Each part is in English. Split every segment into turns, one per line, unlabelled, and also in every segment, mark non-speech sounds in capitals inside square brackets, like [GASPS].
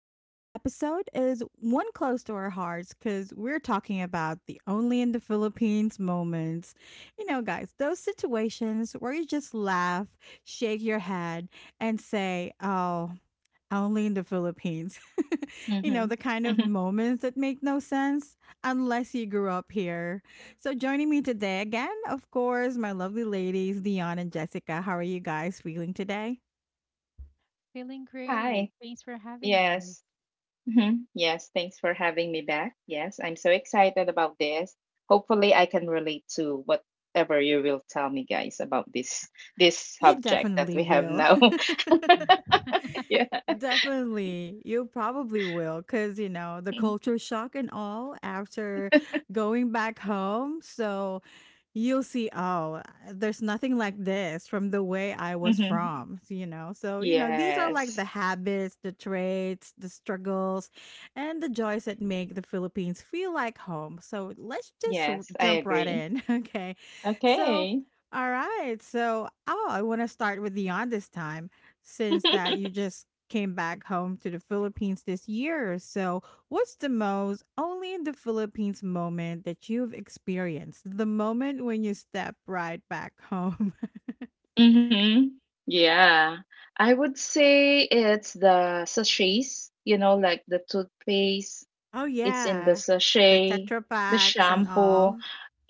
Today's episode is one close to our hearts because we're talking about the only in the Philippines moments. You know, guys, those situations where you just laugh, shake your head, and say, oh, only in the Philippines. [LAUGHS] The kind of
Mm-hmm. [LAUGHS]
moments that make no sense unless you grew up here. So, joining me today again, of course, my lovely ladies, Dion and Jessica. How are you guys feeling today?
Feeling
Hi.
great. Thanks for having us.
Yes. Hmm. Yes. Thanks for having me back. Yes. I'm so excited about this. Hopefully, I can relate to whatever you will tell me, guys, about this
You
subject that
definitely
we have
will.
now. [LAUGHS] Yeah.
[LAUGHS] Definitely. You probably will because, you know, the culture shock and all after going back home. So you'll see there's nothing like this from the way I was
Mm-hmm.
from, so these are like
Yes.
the habits, the traits, the struggles, and the joys that make the Philippines feel like home. So let's just
Yes. I
jump right
agree.
in. [LAUGHS] Okay, so
Okay.
all right, so I want to start with Dion this time since that
[LAUGHS]
you just came back home to the Philippines this year. So what's the most only in the Philippines moment that you've experienced? The moment when you step right back home. [LAUGHS]
Mm-hmm. Yeah. I would say it's the sachets, you know, like the toothpaste.
Oh
It's in the
yeah. The
sachet,
Tetra
the
Packs and
shampoo.
all.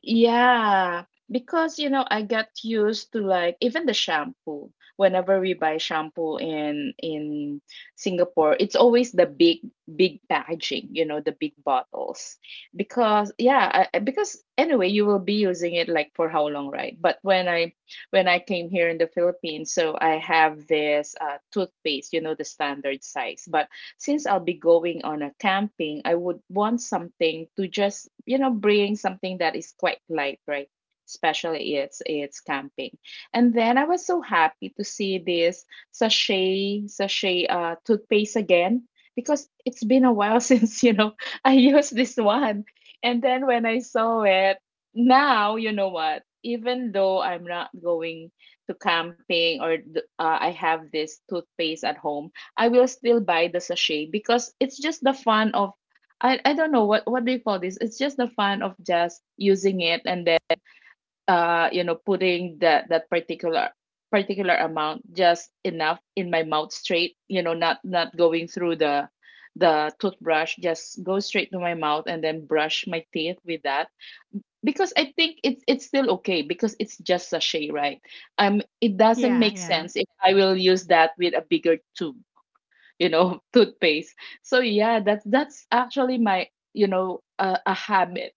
Yeah, because I got used to, like, even the shampoo. Whenever we buy shampoo in Singapore, it's always the big packaging, you know, the big bottles. Because yeah, because anyway, you will be using it like for how long, right? But when I came here in the Philippines, so I have this toothpaste, you know, the standard size, but since I'll be going on a camping, I would want something to just, you know, bring something that is quite light, right? Especially it's camping. And then I was so happy to see this sachet toothpaste again because it's been a while [LAUGHS] since, I used this one. And then when I saw it, now you know what, even though I'm not going to camping, or I have this toothpaste at home, I will still buy the sachet because it's just the fun of. I don't know what do you call this? It's just the fun of just using it and then putting that particular amount, just enough in my mouth straight, you know, not going through the toothbrush, just go straight to my mouth and then brush my teeth with that because I think it's still okay because it's just sachet, right? It doesn't
Yeah,
make
yeah.
sense if I will use that with a bigger tube, [LAUGHS] toothpaste. So yeah, that's actually my, a habit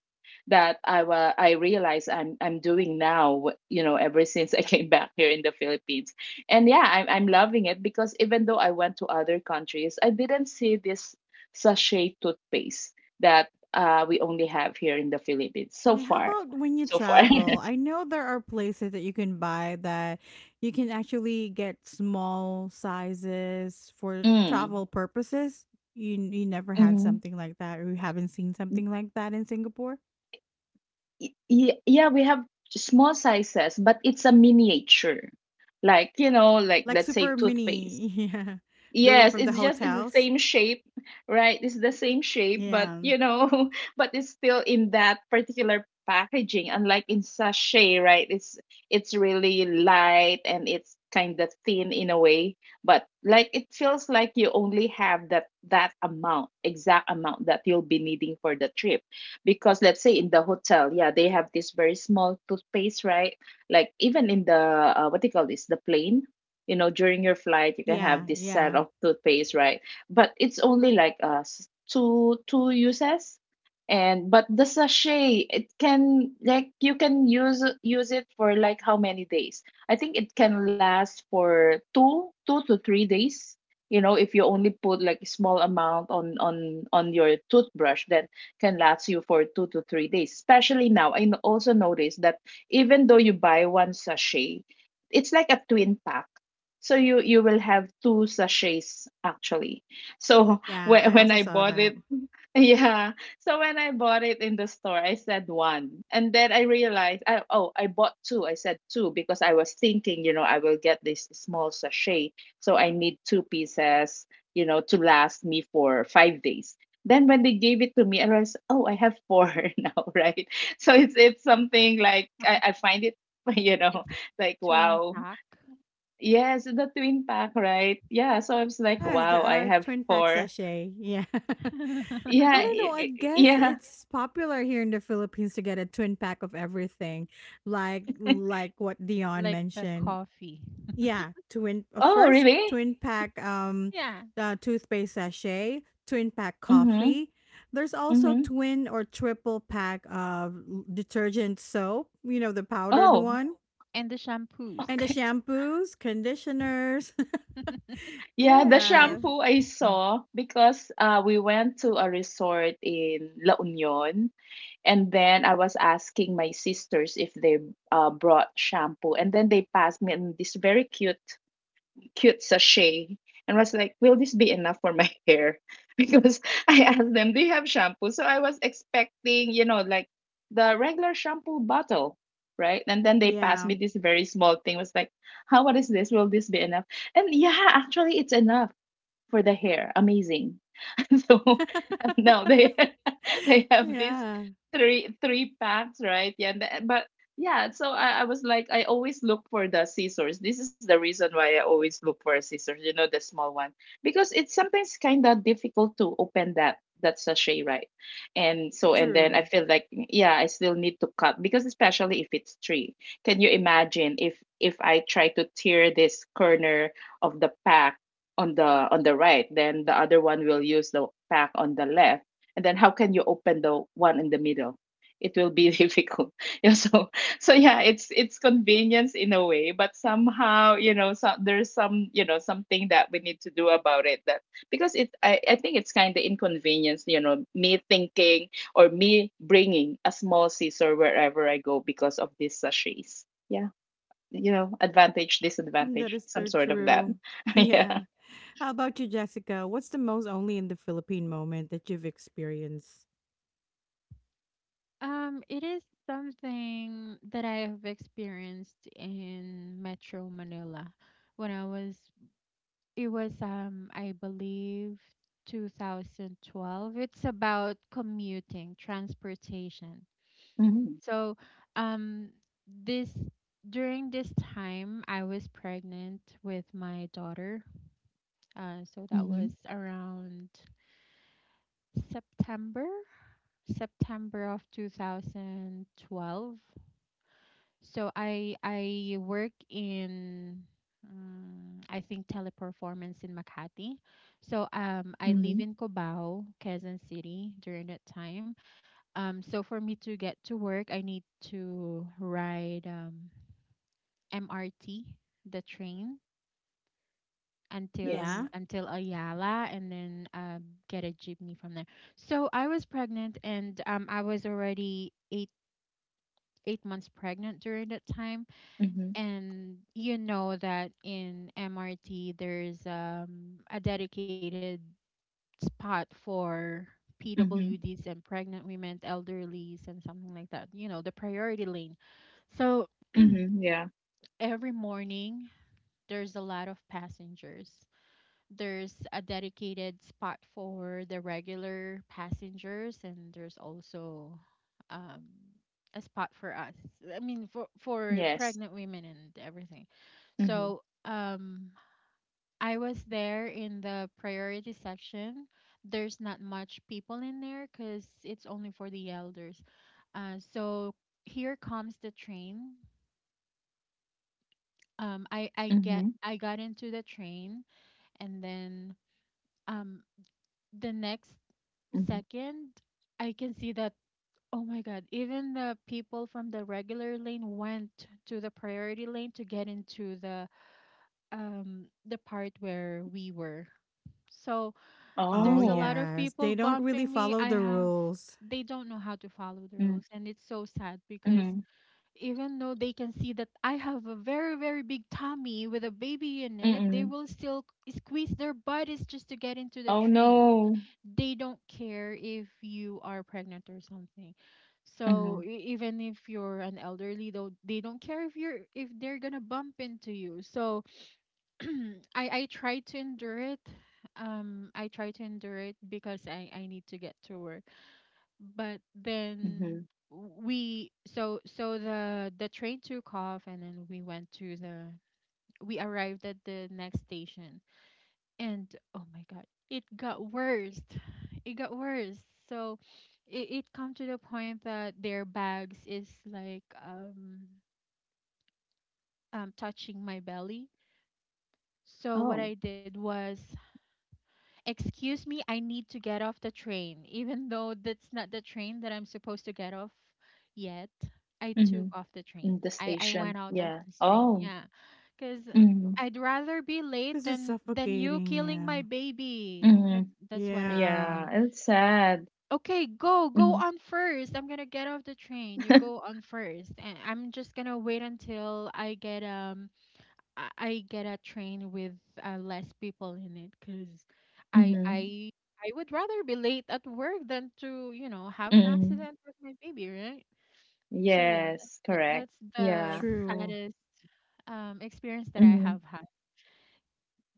that I realize I'm doing now, ever since I [LAUGHS] came back here in the Philippines. And yeah, I'm loving it because even though I went to other countries, I didn't see this sachet toothpaste that we only have here in the Philippines so
Yeah. How
far.
about when you
So far. [LAUGHS]
travel? I know there are places that you can buy that you can actually get small sizes for
Mm.
travel purposes. You never had
Mm-hmm.
something like that, or you haven't seen something like that in Singapore?
Yeah, we have small sizes, but it's a miniature. Like, like
Like
let's say
super mini.
toothpaste.
[LAUGHS] Yeah. The one
Yes,
from the
it's the
hotels.
same shape, right? It's the same shape, but
Yeah,
[LAUGHS] but it's still in that particular packaging. Unlike in sachet, right? It's really light, and it's kind of thin in a way, but like it feels like you only have that amount, exact amount that you'll be needing for the trip. Because let's say in the hotel, yeah, they have this very small toothpaste, right? Like, even in the, what do you call this, the plane, during your flight, you can have
yeah,
this set
yeah,
of toothpaste, right? But it's only like two uses. And but the sachet, it can, like, you can use use it for like how many days? I think it can last for two to three days. You know, if you only put like a small amount on your toothbrush, that can last you for 2 to 3 days, especially now I also noticed that even though you buy one sachet, it's like a twin pack, so you will have two sachets actually. So [LAUGHS]
yeah,
when
I
when
also
I
saw
bought
that.
it, [LAUGHS] yeah. So when I bought it in the store, I said one, and then I realized, I oh I bought two. I said two because I was thinking, I will get this small sachet, so I need two pieces, to last me for 5 days. Then when they gave it to me, I realized, oh, I have four [LAUGHS] now, right. So it's something like I find it, [LAUGHS] you know
It's
like,
twin
wow.
pack,
Yes, the twin pack, right? Yeah, so I was like,
Yes,
wow,
there
I
are
have
twin pack
four.
sachet, yeah. [LAUGHS]
Yeah,
I don't
[LAUGHS]
know, I guess
yeah.
it's popular here in the Philippines to get a twin pack of everything, like
[LAUGHS]
like what Dion
like the
mentioned.
coffee.
Yeah, twin
Oh,
first
really?
twin pack,
Yeah,
the toothpaste sachet, twin pack
Mm-hmm.
coffee. There's also
Mm-hmm.
twin or triple pack of detergent soap, you know, the powdered
Oh,
one,
and the shampoos.
and the
[LAUGHS] okay.
shampoos, conditioners. [LAUGHS]
[LAUGHS]
Yeah, the
Yeah.
Yes.
shampoo I saw because we went to a resort in La Union, and then I was asking my sisters if they brought shampoo, and then they passed me and this very cute sachet, and was like, will this be enough for my hair? [LAUGHS] Because I asked them, do you have shampoo? So I was expecting, like, the regular shampoo bottle, right? And then they passed
Yeah.
me this very small thing, was like, how, what is this? Will this be enough? And yeah, actually, it's enough for the hair. Amazing. [LAUGHS] So [LAUGHS] now they [LAUGHS] they have these
Yeah.
three packs, right? Yeah, and but yeah. So I was like, I always look for the scissors. This is the reason why I always look for a scissors. You know, the small one, because it's sometimes kind of difficult to open that sachet, right? And so, and then
True.
I feel like, yeah, I still need to cut because, especially if it's three. Can you imagine if I try to tear this corner of the pack on the, right, then the other one will use the pack on the left, and then how can you open the one in the middle? It will be [LAUGHS] difficult, yeah. So, yeah, it's convenience in a way, but somehow, so there's some, something that we need to do about it, that, because I think it's kind of inconvenience, me thinking, or me bringing a small scissor wherever I go because of these sachets, yeah. Advantage,
Mm, that
disadvantage,
is
some
so
sort of that.
true. [LAUGHS]
[LAUGHS]
Yeah.
Yeah.
How about you, Jessica? What's the most only in the Philippine moment that you've experienced?
It is something that I have experienced in Metro Manila when it was, I believe, 2012. It's about commuting, transportation.
Mhm.
So, um, this during this time, I was pregnant with my daughter. So
Mhm.
that was around September, September of 2012. So I work in, I think, teleperformance in Makati. So I
Mhm.
live in Cubao, Quezon City during that time. So for me to get to work, I need to ride. MRT, the train,
Yes.
until
Yeah.
until Ayala, and then get a jeepney from there. So I was pregnant, and I was already eight months pregnant during that time.
Mhm.
And you know that in MRT there's, a dedicated spot for
Mhm.
PWDs and pregnant women, elderlies, and something like that. You know the priority lane. So
Mhm. Yeah.
every morning there's a lot of passengers. There's a dedicated spot for the regular passengers, and there's also, um, a spot for us. I mean, for
Yes.
pregnant women and everything.
Mhm.
So, I was there in the priority section. There's not much people in there because it's only for the elders. So here comes the train. Um, I I
Mhm.
get I got into the train, and then, um the next
Mhm.
second, I can see that, oh my God, even the people from the regular lane went to the priority lane to get into, the part where we were. So
Oh,
there's a
Oh.
lot of
yes.
people
They don't really
bumping me.
follow
I
the
have
rules
They don't know how to follow the
Mm.
rules, and it's so sad because
Mhm.
even though they can see that I have a very very big tummy with a baby in it, they
Mm-mm.
will still squeeze their bodies just to get into the
Oh,
train.
no.
They don't care if you are pregnant or something. So,
Mhm.
even if you're an elderly, though, they don't care if you're if they're gonna bump into you. So, [CLEARS THROAT] I try to endure it. I try to endure it because I need to get to work. But then,
Mhm.
we so so the train took off, and then we arrived at the next station, and oh my God, it got worse, it got worse. So, it come to the point that their bags is like, touching my belly. So
Oh.
what I did was, excuse me, I need to get off the train, even though that's not the train that I'm supposed to get off yet. I took
Mhm.
off the
In
train.
the
I went
station.
out of
Yeah.
this train.
Oh.
Yeah. Because
Mhm.
I'd rather be late
because it's
than you killing my
suffocating.
baby. That's
Mhm.
Yeah.
that's what I told
Yeah.
Yeah.
him.
It's sad.
Okay, go, go
Mhm.
on first. I'm gonna get off the train. You go on first, and I'm just gonna wait until I get a train with, less people in it, cause
Mhm.
I
Mhm.
I I would rather be late at work than to, have an
[LAUGHS]
accident with my baby, right? So yeah, that,
Yes.
that-
Correct.
that's
Yeah.
the
True.
saddest, experience that I
Mhm.
have had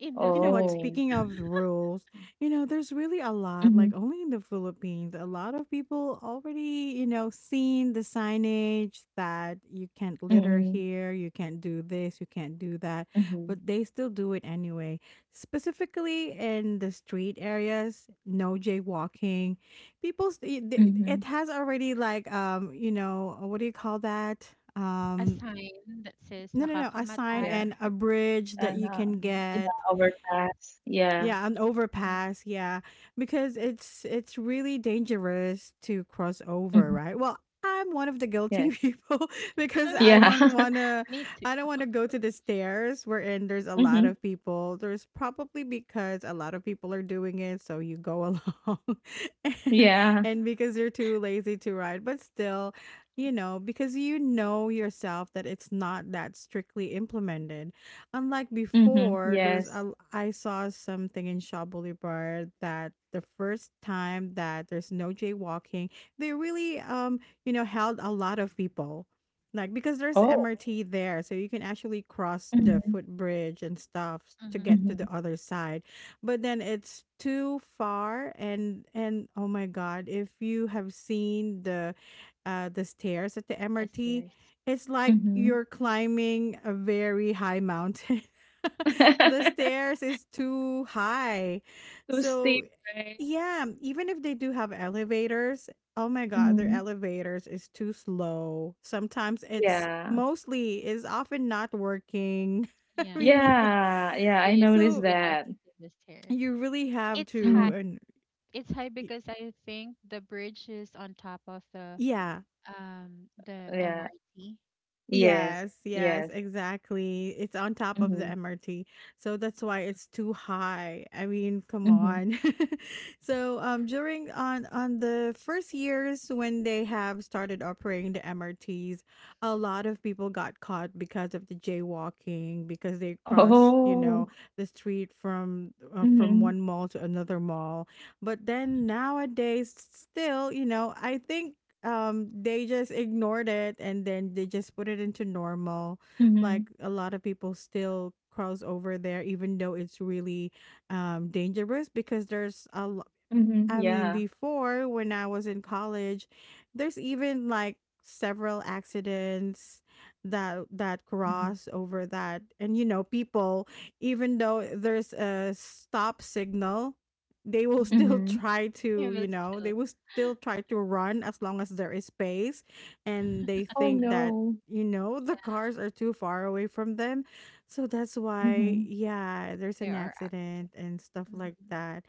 in the
You know what?
Oh.
Philippines.
Speaking
[LAUGHS]
of the rules, you know, there's really a lot, like
Mhm.
only in the Philippines, a lot of people already, you know, seen the signage that you can't litter
Mhm.
here, you can't do this, you can't do that,
Mhm.
but they still do it anyway. Specifically in the street areas, no jaywalking. People, it
Mhm.
has already like, you know, what do you call that?
A
Um,
sign that says
no, no, no, a sign
nakakamatay.
and
Yeah.
a bridge that you
And,
can get.
yeah, overpass. Yeah.
Yeah, an
Mm.
overpass, yeah, because it's really dangerous to cross over,
Mhm.
right? Well, I'm one of the guilty [LAUGHS]
Yes.
people because I
[LAUGHS]
Yeah.
don't
[LAUGHS]
want to
Me too.
I don't want to go to the stairs wherein there's a lot
Mm-hmm.
of people. There's probably because a lot of people are doing it, so you go along. [LAUGHS] and
Yeah.
and because you're too lazy to ride, but still, you know, because you know yourself that it's not that strictly implemented unlike before.
Mm-hmm. Yes.
I saw something in Shaw Boulevard that the first time that there's no jaywalking, they really you know held a lot of people, like because there's
Oh.
MRT there, so you can actually cross the
Mm-hmm.
footbridge and stuff to
Mm-hmm.
get
Mm-hmm.
to the other side. But then it's too far, and oh my God, if you have seen the stairs at the
The
MRT,
stairs.
it's like
Mm-hmm.
you're climbing a very high mountain. [LAUGHS] The
[LAUGHS]
stairs is too high.
Too
So,
steep, right?
yeah, even if they do have elevators, oh my god, their
Mm-hmm.
elevators is too slow. Sometimes it's
Yeah.
mostly is often not working. [LAUGHS] I
Yeah.
mean,
Yeah. Yeah.
So
I
you
noticed
so
you have
that.
to take the stairs.
you really have
It's
Mm-hmm.
high.
to. And
It's high because I think the bridge is on top of, the
yeah,
um the
Yeah.
MRT.
Yes.
yes, yes,
Yes.
exactly. It's on top of the
Mm-hmm.
MRT. So that's why it's too high. I mean, come
Mm-hmm.
on. [LAUGHS] So during on the first years when they have started operating the MRTs, a lot of people got caught because of the jaywalking because they crossed, you
Oh.
know, the street from
Mm-hmm.
one mall to another mall. But then nowadays still, you know, I think they just ignored it and then they just put it into normal,
Mm-hmm.
like a lot of people still cross over there even though it's really dangerous because there's a,
Mm-hmm.
I
Yeah.
mean, before when I was in college, there's even like several accidents that that
Mm-hmm.
cross over that, and you know people even though there's a stop signal, they will
Mm-hmm.
still [LAUGHS]
Mm-hmm.
try to,
It
you
was
know, they
still,
will still try to run as long as there is space, and they think
Oh,
that,
no.
you know, the
yeah.
cars are too far away from them. So that's why,
Mm-hmm.
yeah, there's
There
an
are accidents.
accident and stuff like
Mm-hmm.
that.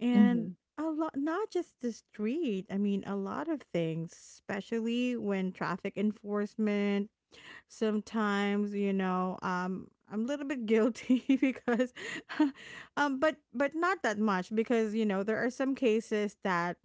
And
Mm-hmm.
a lot, not just the street. I mean, a lot of things, especially when traffic enforcement, sometimes you know I'm a little bit guilty [LAUGHS] because [LAUGHS] but not that much because you know there are some cases that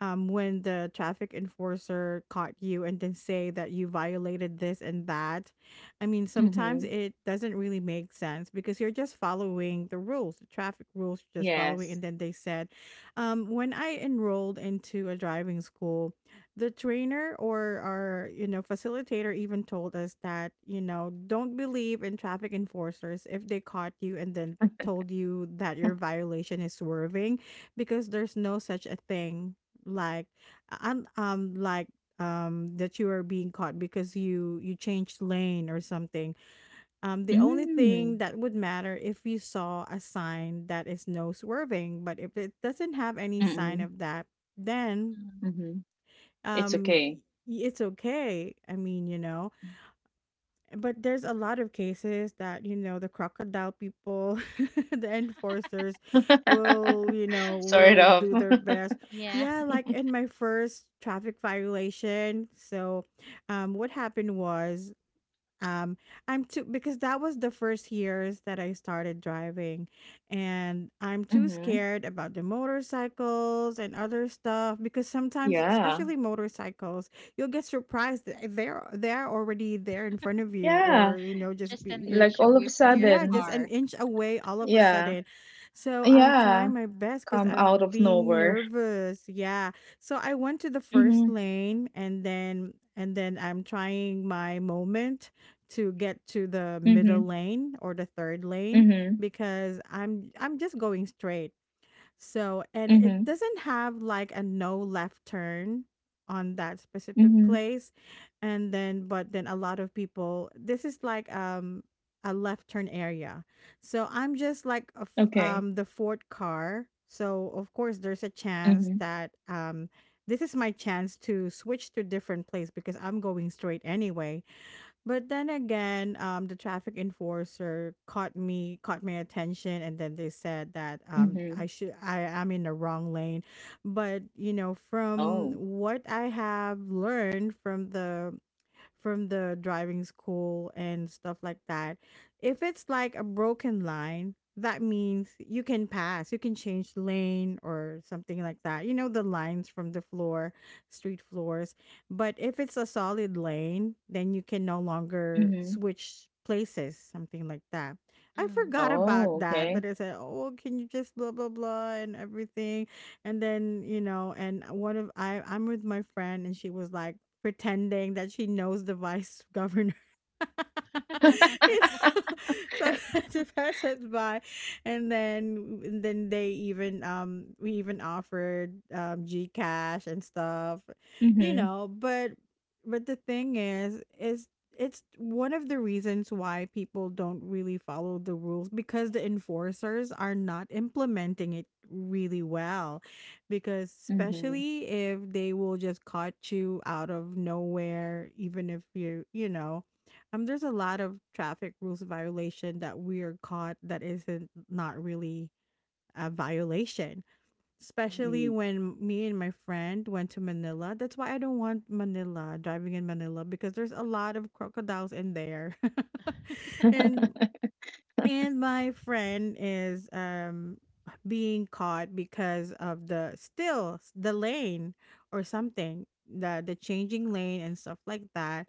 when the traffic enforcer caught you and then say that you violated this and that. I mean sometimes
Mm-hmm.
it doesn't really make sense because you're just following the rules, the traffic rules you're just following, and then they
Yes.
said when I enrolled into a driving school, the trainer or our you know facilitator even told us that you know don't believe in traffic enforcers if they caught you and then told you that your violation is swerving because there's no such a thing like um, um like that you are being caught because you changed lane or something. The only thing that
Mm.
would matter if you saw a sign that is no swerving, but if it doesn't have any sign of
Mm-mm.
that, then
Hmm.
Mhm. It's
um
okay.
it's okay, I mean, you know. But there's a lot of cases that you know the crocodile people, [LAUGHS] the enforcers, will
[LAUGHS]
you know
Sort
will
of.
do their
[LAUGHS]
best,
Yeah.
yeah, like in my first traffic violation. So what happened was um I'm too, because that was the first years that I started driving, and I'm too
Mhm.
scared about the motorcycles and other stuff because sometimes
Yeah.
especially motorcycles, you'll get surprised that they're already there in front of you,
Yeah.
or you know
[LAUGHS]
just
Just
be-
an
you
Like,
inch
all of
away
a
from your
yeah
sudden.
just an
car.
inch away all of a
Yeah.
sudden. So I'm
Yeah.
trying my best because
Come out
I'm
of
being
nowhere.
nervous. Yeah, so I went to the first
Mhm.
lane, and then I'm trying my moment to get to the middle
Mhm.
lane or the third lane
Mhm.
because I'm just going straight. So, and it
Mhm.
doesn't have like a no left turn on that specific
Mhm.
place. And then but then a lot of people, this is like a left turn area. So, I'm just like a
Okay.
the fourth car. So, of course there's a
Mhm.
chance that this is my chance to switch to different place because I'm going straight anyway. But then again, the traffic enforcer caught me, caught my attention, and then they said that
Mhm.
I should, I am in the wrong lane. But you know,
Oh.
from what I have learned from the driving school and stuff like that. If it's like a broken line, that means you can pass, you can change lane or something like that. You know, the lines from the floor, street floors. But if it's a solid lane, then you can no longer
Mhm.
switch places, something like that. I
Mm.
forgot about
Oh,
that,
okay.
but I said, "Oh, can you just blah blah blah and everything?" And then you know, and one of I'm with my friend, and she was like, pretending that she knows the vice governor. [LAUGHS]
[LAUGHS]
You
[LAUGHS]
know, [LAUGHS] so [LAUGHS] the pass by, and then they even we even offered Gcash and stuff, you
Mhm.
know. But the thing is it's one of the reasons why people don't really follow the rules because the enforcers are not implementing it really well, because
Mhm.
especially if they will just cut you out of nowhere, even if you you know There's a lot of traffic rules violation that we are caught that isn't not really a violation,
Mhm.
especially
Mm.
when me and my friend went to Manila. That's why I don't want manila driving in Manila, because there's a lot of crocodiles in there. [LAUGHS] and
[LAUGHS]
and my friend is being caught because of the lane or something, the changing lane and stuff like that.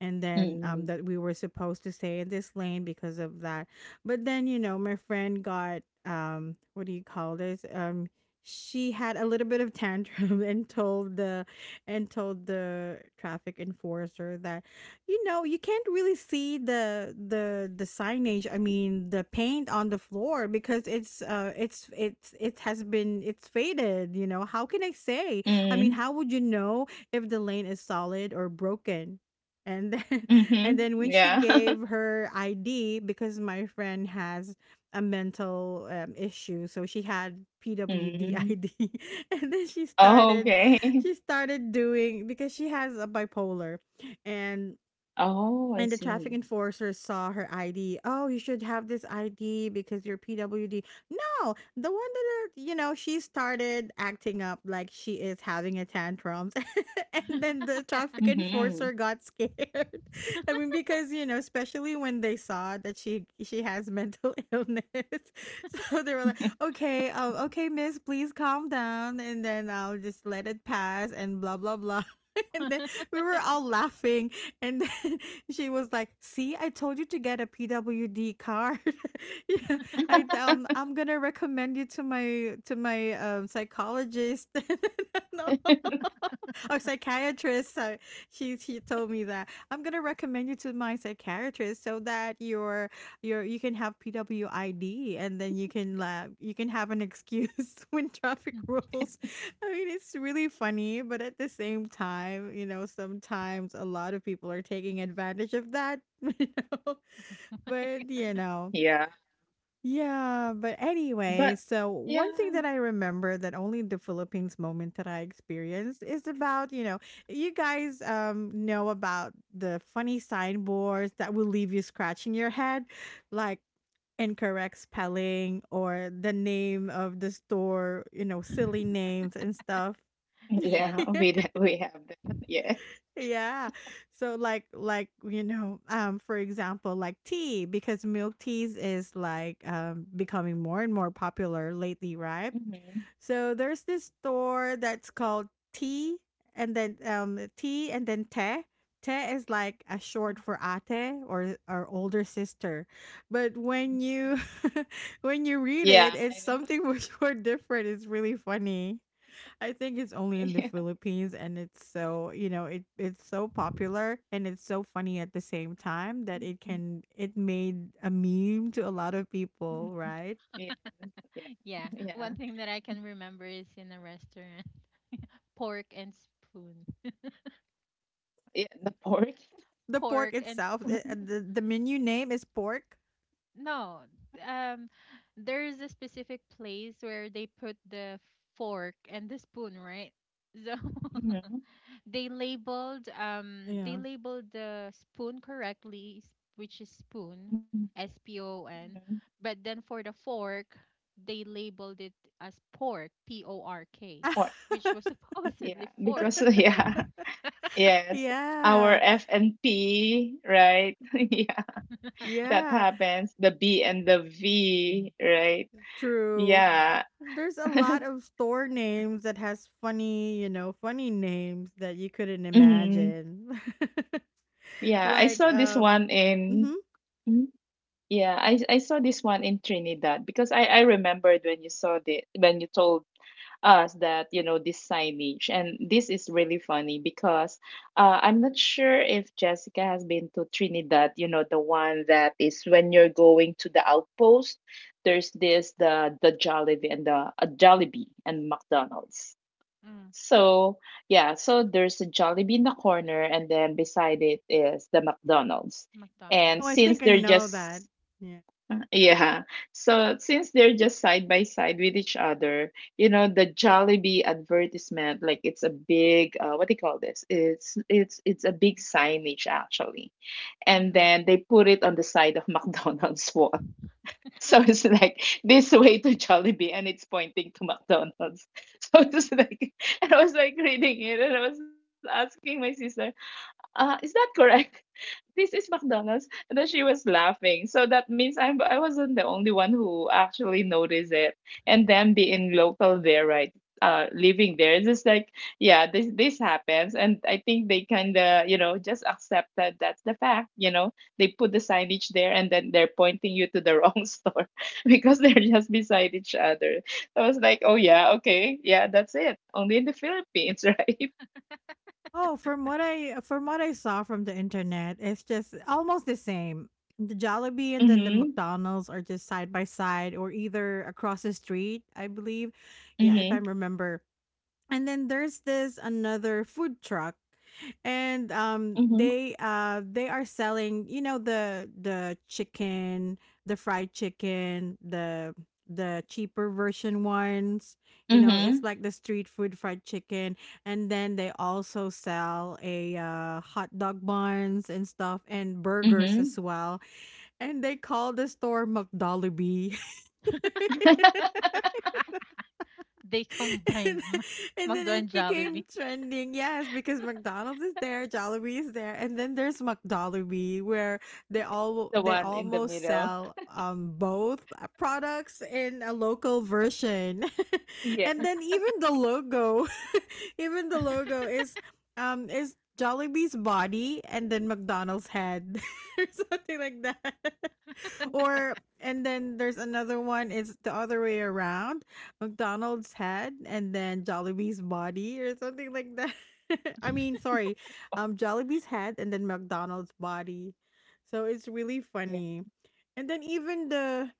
And then
Mhm.
that we were supposed to stay in this lane because of that. But then, you know, my friend got, what do you call this, she had a little bit of tantrum [LAUGHS] and told the traffic enforcer that, you know, you can't really see the signage, I mean, the paint on the floor, because it's it has been it's faded, you know. How can I say? I mean,
Mm.
how would you know if the lane is solid or broken? And then, [LAUGHS] and
Mhm.
then when she
Yeah. [LAUGHS]
gave her ID, because my friend has a mental issue, so she had PWD
Mm.
ID. [LAUGHS] And then she
Oh,
started
okay. [LAUGHS]
she started doing, because she has a bipolar. and
Oh, I
and the traffic
see.
enforcer saw her ID. Oh, you should have this ID because you're PWD. No, the one that are, you know, she started acting up like she is having a tantrums. [LAUGHS] And then the traffic enforcer
Mm-hmm.
got scared. [LAUGHS] I mean, because, you know, especially when they saw that she has mental [LAUGHS] illness. [LAUGHS] So they were like,
[LAUGHS]
"Okay, okay, miss, please calm down, and then I'll just let it pass and blah blah blah." [LAUGHS] And then
[LAUGHS]
we were all laughing, and then she was like, "See, I told you to get a PWD card. [LAUGHS] Yeah, I'm gonna recommend you to my psychologist." [LAUGHS] No. Oh, psychiatrist. So she told me that I'm gonna recommend you to my psychiatrist so that you can have PWID, and then you can have an excuse [LAUGHS] when traffic rolls. I mean, it's really funny, but at the same time, you know, sometimes a lot of people are taking advantage of that. [LAUGHS] You know, but you
Yeah.
know, yeah, but
But
anyway, so
yeah.
one thing that I remember that only the Philippines moment that I experienced is about, you know, you guys know about the funny signboards that will leave you scratching your head, like incorrect spelling or the name of the store, you know, silly names and stuff.
Yeah,
Yes.
[LAUGHS]
[LAUGHS]
we have that. [LAUGHS] Yes.
Yeah. So like you know, for example, like tea, because milk teas is like becoming more and more popular lately, right?
Mm-hmm.
So there's this store that's called Tea, and then Tea, and then Te. Te is like a short for ate, or older sister. But when you [LAUGHS] when you read
Yeah.
it, it's something [LAUGHS] much more different. It's really funny. I think it's only
[LAUGHS]
in the
Yeah.
Philippines, and it's so, you know, it's so popular, and it's so funny at the same time that
Mhm.
it made a meme to a lot of people,
Mhm.
right?
Yes. Yeah.
Yeah. One
Yeah.
thing that I can remember is, in a restaurant, [LAUGHS] pork and spoon.
Yeah. The pork.
The pork
Pork and
itself,
[LAUGHS]
it,
Pork.
the menu name is pork.
No, um, there's a specific place where they put the fork and the spoon, right? So [LAUGHS]
Mm-hmm.
they labeled um they
Yeah.
labeled the spoon correctly, which is spoon, SPON,
Mm-hmm.
but then for the fork, they labeled it as pork, P O R K,
Pork.
which was [LAUGHS]
[LAUGHS]
Yeah.
supposedly fork.
Because [LAUGHS] yeah. Yes. Our
Yeah.
F and P, right? [LAUGHS] Yeah. That
Yeah.
happens. The B and the V, right?
True.
Yeah.
Yeah.
There's a lot of store names that has funny, you know, funny names that you couldn't
Mhm.
imagine. [LAUGHS]
Yeah, I
like
saw this one
um mhm.
in. Mhm. Yeah, I saw this one in Trinidad because I remembered when you saw the when you told us that, this signage, and this is really funny because I'm not sure if Jessica has been to Trinidad, the one that is when you're going to the outpost. There's this, the Jollibee, and the Jollibee and McDonald's.
Mm,
So, yeah, so there's a Jollibee in the corner, and then beside it is the McDonald's. And
Oh,
McDonald's.
I
since
think I
they're
know that.
just,
Yeah.
[LAUGHS] yeah, so since they're just side by side with each other, the Jollibee advertisement, like, it's a big, what do you call this? It's a big signage actually, and
Hmm,
then they put it on the side of [LAUGHS] McDonald's wall. [LAUGHS] So it's like, this way to Jollibee, and it's pointing to McDonald's. [LAUGHS] So it's like, and I was like reading it, and I was asking my sister, is that correct? This is McDonald's. And then she was laughing. So that means I wasn't the only one who actually noticed it. And them being local there, right? Living there, it's just like, yeah, this happens, and I think they kind of, just accept that that's the fact. They put the signage there, and then they're pointing you to the wrong [LAUGHS] store [LAUGHS] because they're just beside each other. I was like, oh, yeah, okay, yeah, that's it. Only in the Philippines, [LAUGHS] right?
Oh, from what I saw from the internet, it's just almost the same. The Jollibee and then the
Mm-hmm.
McDonald's are just side by side, or either across the street, I believe. Yeah, if
Mm-hmm.
I remember. And then there's this another food truck, and they
Mm-hmm.
uh they are selling, you know, the chicken, the fried chicken, the cheaper version ones, you know, it's
Mm-hmm.
like the street food fried chicken. And then they also sell a hot dog buns and stuff, and burgers
Mm-hmm.
as well, and they call the store mcdollarby.
they [LAUGHS] combined
[LAUGHS] And, then
McDo
it
and
became
Jollibee.
trending. Yes, because McDonald's is there, Jollibee is there, and then there's McDollibee, where
The
they
one in the
almost
middle.
sell both products in a local version, [LAUGHS] and
Yes.
then even the logo, [LAUGHS] even the logo is Jollibee's body and then McDonald's head, [LAUGHS] or something like that. Or, and then there's another one. It's the other way around. McDonald's head and then Jollibee's body, or something like that. [LAUGHS] I mean, sorry, Jollibee's head and then McDonald's body. So it's really
Yeah.
funny. And then even the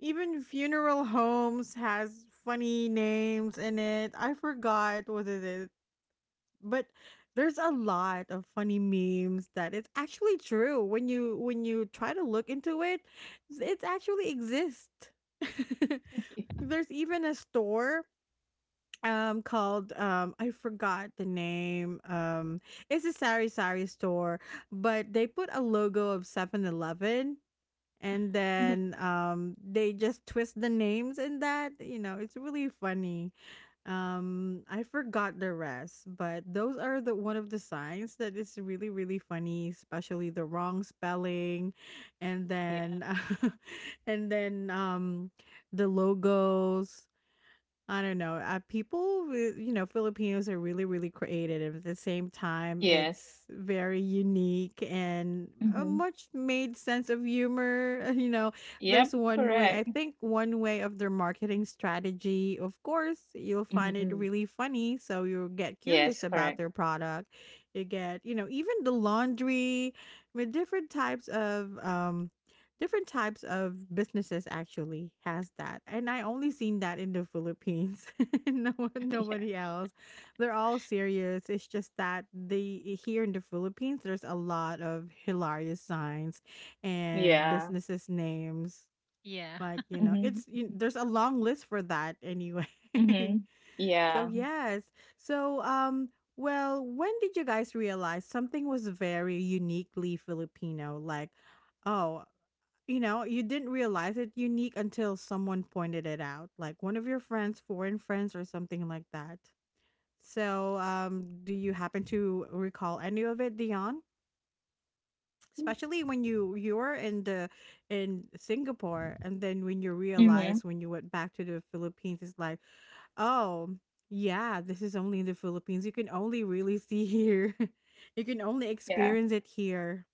even funeral homes has funny names in it. I forgot what it is, but there's a lot of funny memes that it's actually true. When you try to look into it, it actually exists. [LAUGHS]
Yeah.
There's even a store, called, I forgot the name, it's a sari sari store, but they put a logo of 7-Eleven, and
Mhm.
then they just twist the names in that, you know, it's really funny. I forgot the rest, but those are the one of the signs that is really really funny, especially the wrong spelling. And
Yeah.
then [LAUGHS] and then, the logos, I don't know. People, you know, Filipinos are really, really creative. At the same time,
Yes.
it's very unique and a
Hmm.
much made sense of humor. [LAUGHS] You know, there's
Yep.
one way, I
Correct.
think, one way of their marketing strategy. Of course, you'll find it
Hmm.
really funny, so you'll get curious
Yes.
about their
Correct.
product. You get, you know, even the laundry, with different types of businesses actually has that, and I only seen that in the Philippines. [LAUGHS] No one,
[LAUGHS] Yeah.
nobody else, they're all serious. It's just that they here in the Philippines, there's a lot of hilarious signs and
Yeah.
businesses names,
Yeah.
like, you know,
Hmm.
there's a long list for that anyway. [LAUGHS] So
Hmm. Yeah.
yes, so well, when did you guys realize something was very uniquely Filipino, like, oh, you know, you didn't realize it unique until someone pointed it out, like one of your friends, foreign friends, or something like that. So, do you happen to recall any of it, Dion? Especially when you were in Singapore, and then when you
Hmm.
realize, when you went back to the Philippines, it's like, oh yeah, this is only in the Philippines. You can only really see here. [LAUGHS] You can only
Yeah.
experience it here,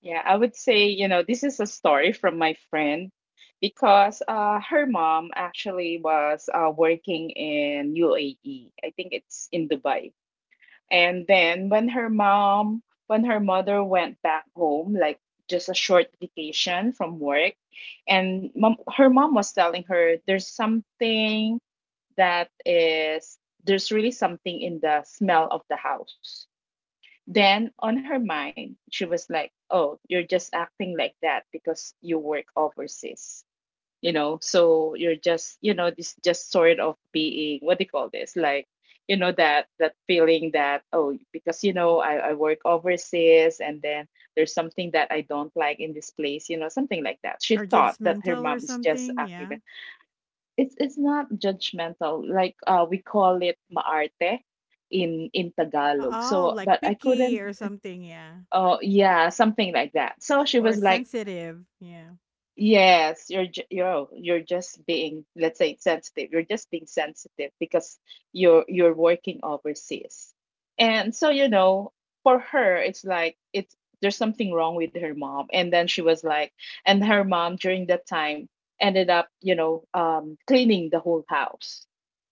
Yeah. I would say, this is a story from my friend because her mom actually was working in UAE. I think it's in Dubai. And then when her mom, when her mother went back home, like just a short vacation from work, and her mom was telling her there's that is, there's really something in the smell of the house. Then on her mind, she was like, oh, you're just acting like that because you work overseas, you know, so you're just, you know, this just sort of being, what do you call this, like, you know, that feeling that, oh, because you know I work overseas and then there's something that I don't like in this place, you know, something like that. She
or
thought that her
judgmental or
mom is just
something.
active.
Yeah.
It's not judgmental. Like, we call it maarte in Tagalog.
Oh,
So
like
but I
picky
couldn't.
or something, yeah,
Oh, yeah, something like that. So she
or
was like,
sensitive, yeah.
yes, you're just being, let's say, sensitive. You're just being sensitive because you're working overseas. And so, you know, for her, it's like it's there's something wrong with her mom. And then she was like, and her mom during that time ended up, you know, cleaning the whole house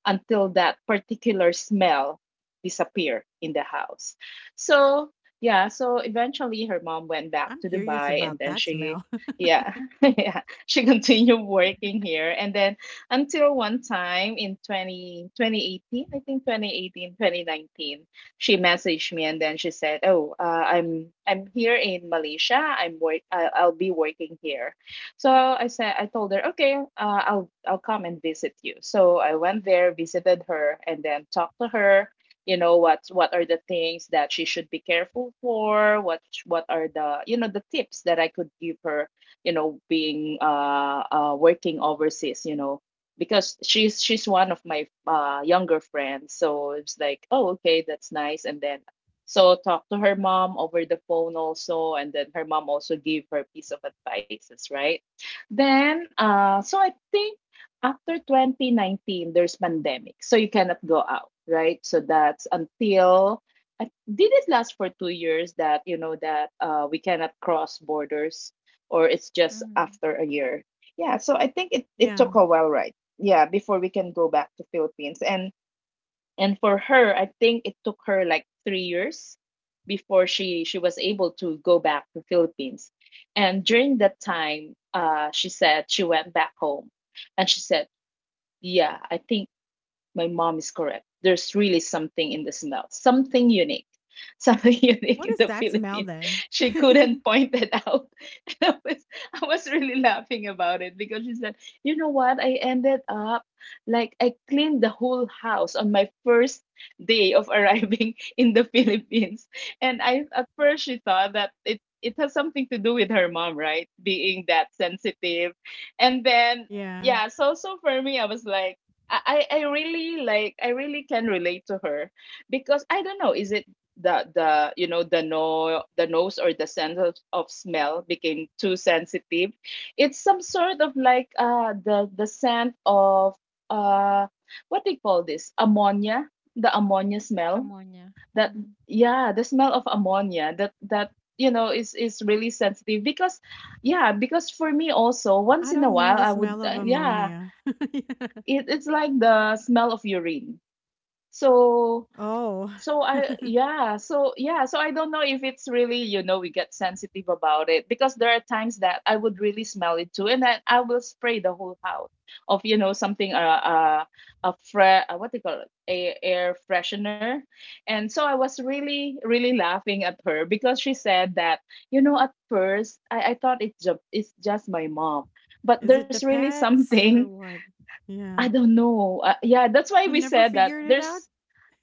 until that particular smell disappear in the house. So, yeah, so eventually her mom went back
I'm
to
curious
Dubai
about
and then
that
she,
smell. [LAUGHS]
yeah. [LAUGHS] Yeah, she continued working here. And then until one time in 20 2018, I think 2018 2019, she messaged me and then she said, "Oh, I'm here in Malaysia. I'll be working here." So I said, I told her, "Okay, I'll come and visit you." So I went there, visited her, and then talked to her. You know what? What are the things that she should be careful for? What are the, you know, the tips that I could give her, you know, being working overseas, you know, because she's one of my younger friends. So it's like, oh, okay, that's nice. And then, so talk to her mom over the phone also, and then her mom also gave her piece of advices, right? Then so I think after 2019 there's pandemic so you cannot go out, right? So that's until, did it last for two years that, you know, that we cannot cross borders, or it's
[LAUGHS]
just
Hmm.
after a year. Yeah, so I think it
Yeah.
took a while, right? Yeah, before we can go back to Philippines. And for her, I think it took her like three years before she was able to go back to Philippines. And during that time, she said she went back home, and she said, "Yeah, I think my mom is correct. There's really something in the smell, something unique, something [LAUGHS] unique
What
in
is
the
that smell
Philippines.
then?
She couldn't
[LAUGHS]
point it out. [LAUGHS] And I was really laughing about it because she said, you know what? I ended up, like, I cleaned the whole house on my first day of arriving [LAUGHS] in the Philippines. And I, at first she thought that it has something to do with her mom, right? Being that sensitive. And then,
Yeah.
yeah, so so for me I was like, I really, like, I really can relate to her because I don't know, is it the you know the no the nose or the sense of smell became too sensitive. It's some sort of like, the scent of, uh what they call this, ammonia, the ammonia smell,
Ammonia.
that,
Mm.
yeah, the smell of ammonia, that you know is really sensitive because, yeah, because for me also once
I
in a
don't know
while
the
I would,
smell of
yeah,
ammonia. [LAUGHS] Yeah.
it's like the smell of urine. So,
Oh,
so I, yeah, so yeah, so I don't know if it's really, you know, we get sensitive about it because there are times that I would really smell it too. And then I will spray the whole house of, you know, something, a what they call it, a air freshener. And so I was really really laughing at her because she said that, you know, at first I thought it's just, it's just my mom, but
is it
there's
the
really [LAUGHS]
pets
something.
or what?
I
Yeah.
don't know. Yeah, that's why
You
we
never
said that
figured it out?
there's,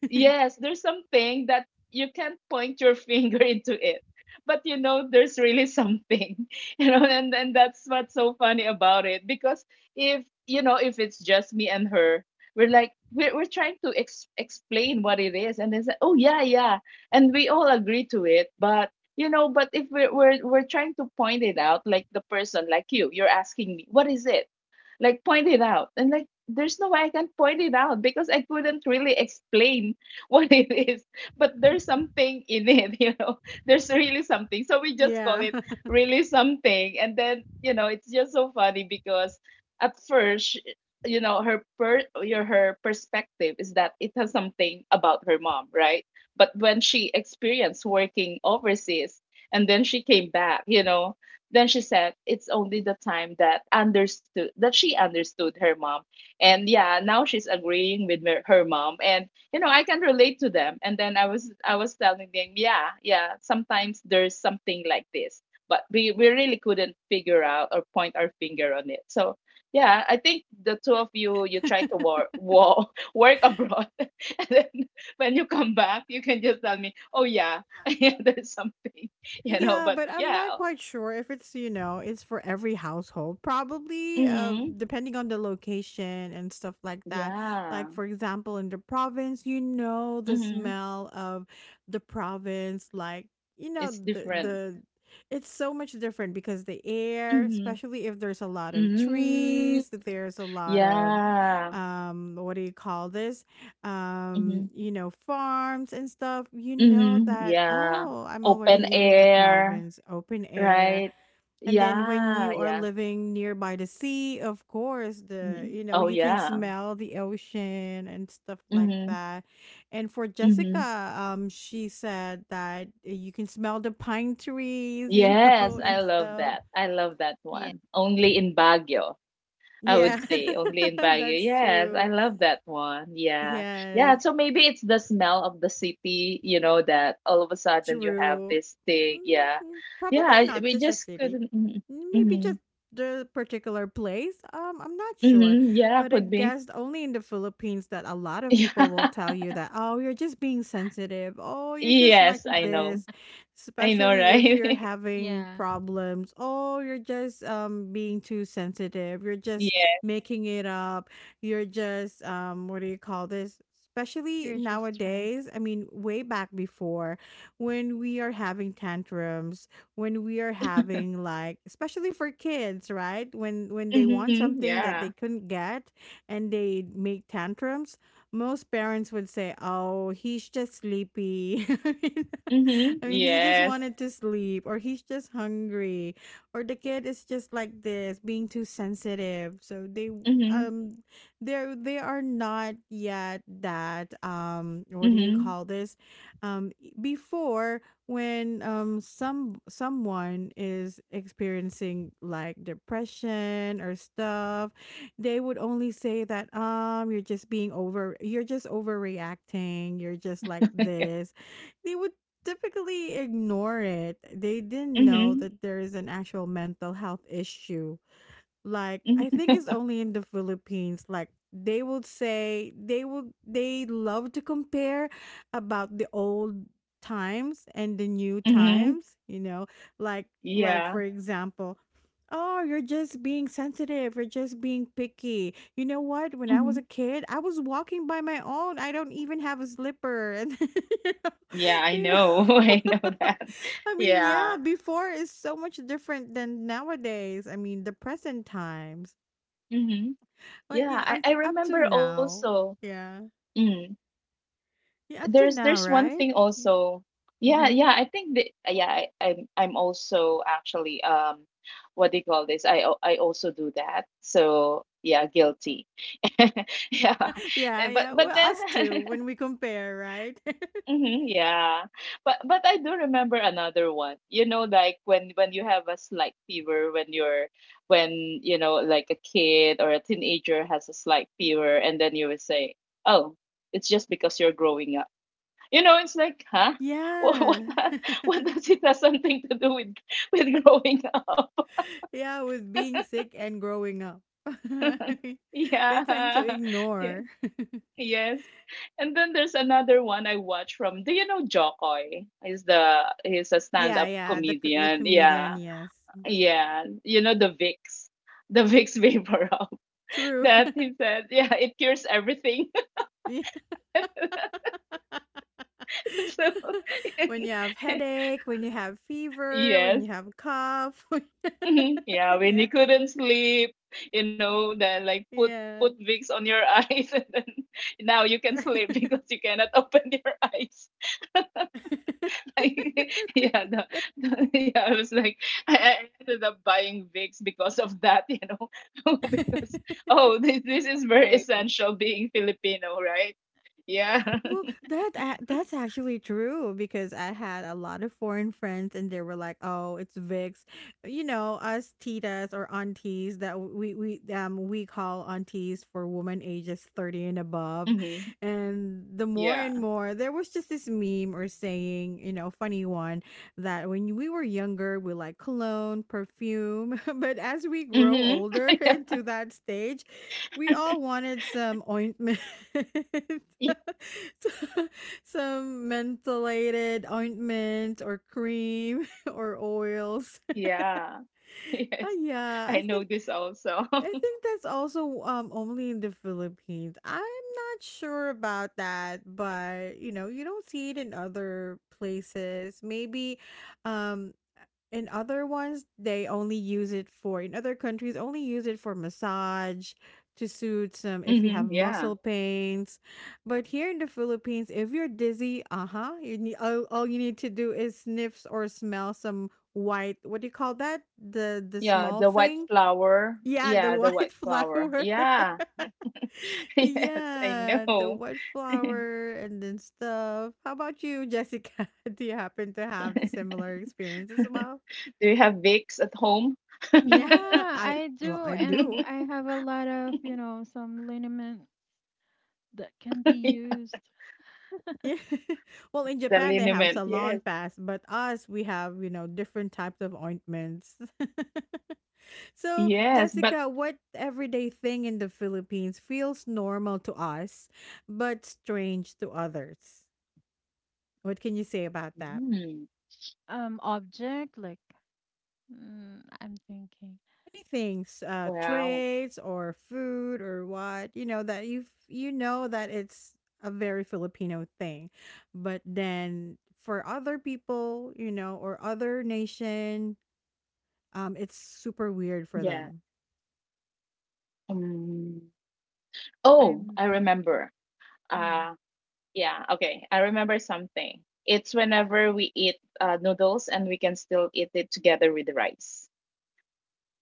[LAUGHS]
yes, there's something that you can't point your finger [LAUGHS] into it. But you know, there's really something, [LAUGHS] you know, and that's what's so funny about it. Because if, you know, if it's just me and her, we're like, we're trying to explain what it is. And they say, oh, yeah, yeah. And we all agree to it. But, you know, but if we're trying to point it out, like the person, like you, you're asking me, what is it? Like, point it out. And like, there's no way I can point it out because I couldn't really explain [LAUGHS] what it is, but there's something in it, [LAUGHS] you know. There's really something. So we just call
Yeah.
it
[LAUGHS]
really something. And then, you know, it's just so funny because at first, you know, her perspective is that it has something about her mom, right? But when she experienced working overseas and then she came back, you know, then she said it's only the time that understood that she understood her mom. And yeah, now she's agreeing with her mom. And you know, I can relate to them. And then I was, I was telling them, yeah, yeah, sometimes there's something like this, but we really couldn't figure out or point our finger on it. So yeah, I think the two of you, you try to work [LAUGHS] work abroad [LAUGHS] and then when you come back you can just tell me, oh yeah, [LAUGHS] yeah, there's something, [LAUGHS] you know,
Yeah,
but
but I'm
yeah.
not quite sure if it's, you know, it's for every household. Probably,
Hmm.
depending on the location and stuff like that.
Yeah.
Like, for example, in the province, you know, the
Hmm.
smell of the province, like, you know,
It's different.
the it's so much different because the air,
Hmm.
especially if there's a lot of trees,
Hmm.
there's a lot of
Yeah.
what do you call this?
Hmm.
You know, farms and stuff, you know.
Mhm,
Oh,
yeah.
I'm already
Open
here in the
air,
mountains, open air.
right?
And then when
Yeah,
you are
yeah.
living nearby the sea, of course, the
Mhm.
you know,
Oh,
you can
yeah.
smell the ocean and stuff like
Mhm,
that. And for
mhm.
Jessica, she said that you can smell the pine trees, you know, [LAUGHS]
Yes, I
and
love
stuff.
that. I love that
Yeah.
one. Only in Baguio, I
Yeah,
would say. Only in
[LAUGHS]
Baguio.
that's
Yes, I
true.
love that one. Yeah.
Yes.
Yeah, so maybe it's the smell of the city, you know, that all of a sudden you have
Through,
this thing. Yeah. Yeah,
probably not
we
just a
just
city.
couldn't. Mhm.
Maybe
Mhm.
just the particular place. I'm not sure.
Mhm, yeah,
But I
could be.
guess only in the Philippines that a lot
[LAUGHS]
of
Yeah.
people will tell you that, oh, you're just being sensitive. Oh, you're just like
Yes, I know.
this.
I know,
Especially if you're
right?
having
Yeah,
problems. Oh, you're just being too sensitive. You're
[LAUGHS]
just
Yeah.
making it up. You're just what do you call this? Especially
you're just right.
nowadays. I
[LAUGHS]
mean, way back before, when we are having tantrums, when we are having, like, especially for kids, right? When they want
Hmm.
something
Yeah.
that they couldn't get, and they make tantrums, most parents would say, "Oh, he's just sleepy." [LAUGHS] I mean, [LAUGHS]
Hmm.
I mean, he just
Yes.
wanted to sleep, or he's just hungry, or the kid is just like this, being too sensitive. So
Hmm.
um they are not yet that, what do you
Hmm.
call this, um before, when someone is experiencing like depression or stuff, they would only say that, you're just overreacting, you're just like
[LAUGHS]
this. They would typically ignore it. They didn't know
Hmm.
that there is an actual mental health issue. Like, I think it's only in the Philippines. Like, they would say they would they love to compare about the old times and the new
Hmm.
times, you know? Like like,
Yeah.
for example, oh, you're just being sensitive, you're just being picky. You know what? When I was
Hmm.
a kid, I was walking by my own. I don't even have a slipper and [LAUGHS] you know,
Yeah, I
you know?
know. [LAUGHS] I know that.
I mean, yeah,
Yeah.
before is so much different than nowadays. I mean, the present times.
Hmm.
Like,
Yeah,
you know,
I
unt up to
remember
now.
also.
Yeah.
Mm,
Yeah, up
there's
to now,
one thing
right?
also. Yeah,
Mhm.
yeah, I think that, yeah, I'm also actually, um, what do you call this, I I also do that. So yeah, guilty. [LAUGHS] Yeah.
[LAUGHS] Yeah,
And,
yeah. Well,
but
us too,
then,
when we
[LAUGHS]
compare, right? [LAUGHS]
mhm, yeah, but I do remember another one, you know, like when you have a slight fever, when you're, when, you know, like a kid or a teenager has a slight fever and then you would say, oh, it's just because you're growing, you know, it's like, huh? [LAUGHS] What what
Yeah.
does, what
[LAUGHS]
does it has something to do with growing up? [LAUGHS]
Yeah, with being sick and growing up. [LAUGHS] They tend to
Yeah. Yeah.
ignore.
Yes. And then there's another one I watch from. Do you know Jokoy? He's the, he's a
Yeah,
stand-up
yeah, the
comedian. Yeah.
comedian, yes.
Yeah. You know the Vicks. The Vicks vapor rub [LAUGHS]
True.
that
[LAUGHS]
he said, yeah, it cures everything.
Yeah.
[LAUGHS]
[LAUGHS]
So,
When you have
[LAUGHS]
headache, when you have fever, when
yes,
you have cough. [LAUGHS]
mhm. Yeah, when
Yeah.
you couldn't sleep, you know, then like put
Yeah.
put wigs on your [LAUGHS] eyes, and then now you can sleep [LAUGHS] because you cannot open your eyes. [LAUGHS] Like, yeah, the, yeah, I was like, I ended up buying wigs because of that, you know, [LAUGHS] because oh, this
Yeah.
is very
There you go.
essential being Filipino, right? Yeah.
Well,
[LAUGHS]
that that's actually true because I had a lot of foreign friends and they were like, "Oh, it's Vicks," you know, us titas or aunties that we call aunties for women ages 30 and above.
Mm-hmm.
And the more
Yeah.
and more there was just this meme or saying, you know, funny one that when we were younger we like cologne, perfume, [LAUGHS] but as we grow
Mm-hmm.
older [LAUGHS]
[LAUGHS] Yeah.
into that stage, we all wanted some ointment. [LAUGHS] Some mentholated ointment or cream [LAUGHS] or oils. [LAUGHS]
Yeah. Yes.
Yeah, I
I
think
know this also.
I
[LAUGHS]
think that's also only in the Philippines. I'm not sure about that, but you know, you don't see it in other places. Maybe um in other ones they only use it for in other countries only use it for massage to soothe some if you
Mhm,
have
yeah.
muscle pains. But here in the Philippines, if you're dizzy, uh-huh, you need all you need to do is sniffs or smell some white, what do you call that? The
Yeah,
small
the white
thing,
flower.
yeah, the
Yeah, the
white [LAUGHS]
white flower.
flower.
Yeah.
[LAUGHS]
[LAUGHS] Yes, I
Yeah, the
know.
white
[LAUGHS]
flower and then stuff. How about you, Jessica? [LAUGHS] Do you happen to have the similar experience as well?
Do you have Vicks at home?
Yeah, [LAUGHS]
Yeah,
I
I
well,
do,
I
and
do.
[LAUGHS]
I have a lot of, some liniment that can be used.
Yeah. [LAUGHS] Well, in
The
Japan they have
liniment. Yes.
salon pass, but us we have, you know, different types of ointments. [LAUGHS] So,
Yes, but
Jessica, what everyday thing in the Philippines feels normal to us but strange to others? What can you say about that?
mm,
Object like, I'm thinking,
Many things,
wow.
trades or food or what, you know, that you know that it's a very Filipino thing. But then for other people, you know, or other nation, it's super weird for them.
Yeah. Um, oh,
I'm
I
thinking.
remember.
Mm.
Uh, yeah, okay. I remember something. It's whenever we eat, noodles, and we can still eat it together with the rice.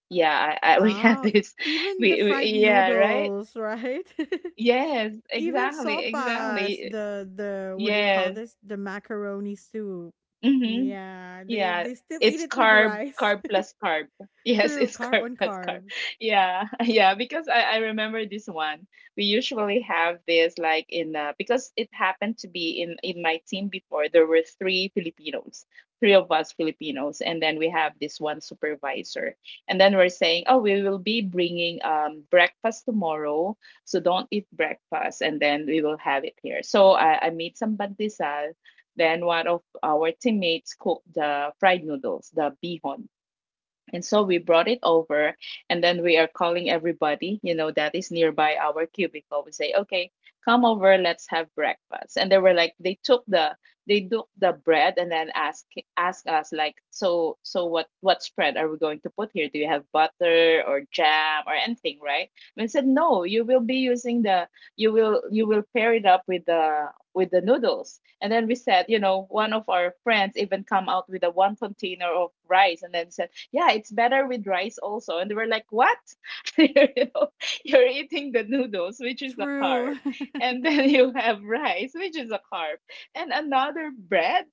Yeah, [LAUGHS] we have
Oh,
this. [LAUGHS]
even the
We
fried
yeah, right?
noodles, right? [LAUGHS]
Yes,
Even
exactly,
sopas,
exactly.
the what do you call
Yes.
this? The macaroni soup.
Mhm.
Yeah, they
Yeah,
they still eat
it's
it with
carb,
rice.
carb
[LAUGHS]
plus carb. Yes,
True,
it's [LAUGHS]
carb
carb
on
plus carb.
carbs.
Yeah, [LAUGHS] yeah, because I remember this one. We usually have this like in, because it happened to be in my team before. There were three Filipinos, three of us Filipinos, and then we have this one supervisor. And then we're saying, oh, we will be bringing, um, breakfast tomorrow, so don't eat breakfast, and then we will have it here. So I made some bandisal. Then one of our teammates cooked the fried noodles, the bihon. And so we brought it over, and then we are calling everybody, that is nearby our cubicle. We say, okay, come over, let's have breakfast. And they were like, they took the bread and then ask us like, so what spread are we going to put here? Do you have butter or jam or anything, right? And I said, no, you will be using the you will pair it up with the noodles. And then we said, one of our friends even come out with a one container of rice and then said yeah, it's better with rice also. And they were like, what? [LAUGHS] you know, you're eating the noodles, which is a carb.
True.
And
[LAUGHS]
then [LAUGHS] you have rice, which is a carb. And another bread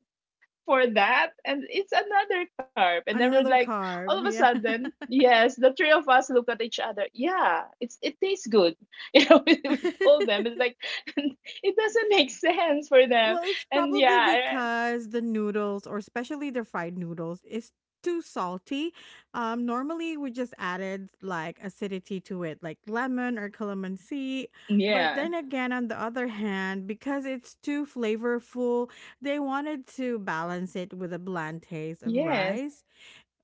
for that. And it's another carb. And then we're
Another
like, all of a
carb, yeah.
sudden,
[LAUGHS]
yes, the three of us look at each other. Yeah, it tastes good. [LAUGHS] We told them. It's like, [LAUGHS] it doesn't make sense for them.
Well, it's
And
probably
yeah,
because the noodles, or especially the fried noodles, is too salty. Normally, we just added like acidity to it, like lemon or calamansi. But
yeah,
then again, on the other hand, because it's too flavorful, they wanted to balance it with a bland taste of
yes,
rice.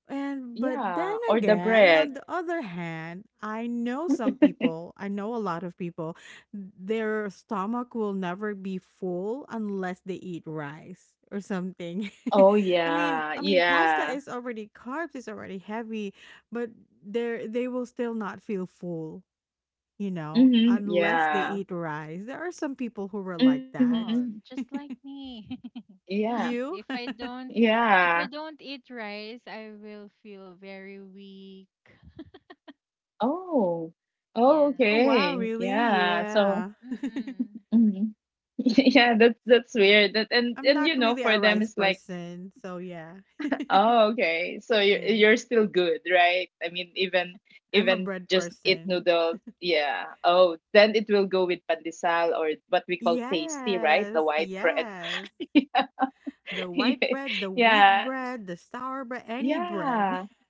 And but then
yeah. Or the
again,
bread.
on the other hand, I know some
[LAUGHS]
people, I know a lot of people, their stomach will never be full unless they eat rice or something.
Oh,
[LAUGHS] I mean,
yeah,
I mean pasta
yeah.
is already carbs, it's already heavy, but they will still not feel full, you know,
Mhm,
unless they eat
yeah.
rice. There are some people who were like that.
Oh,
Mhm.
just like me. [LAUGHS]
Yeah,
You?
If I
[LAUGHS]
don't if I
yeah.
don't eat rice, I will feel very weak.
Oh. Oh,
Yeah.
Wow,
okay.
really?
Yeah, so
Yeah. [LAUGHS]
Mm-mm.
mhm. [LAUGHS] Yeah, that's weird. That and
I'm
and
not really
for
a
them
rice
it's like,
person, so yeah. [LAUGHS]
"Oh, okay. So you're
Yeah,
you're still good, right?" I mean, even
I'm a
even
bread
just eat
person.
noodles. Yeah. Oh, then it will go with pandesal or what we call tasty, right?
Yes,
The white bread.
yes.
[LAUGHS]
The white bread, the wheat
Yeah.
bread, the sour bread, any bread.
Yeah.
[LAUGHS]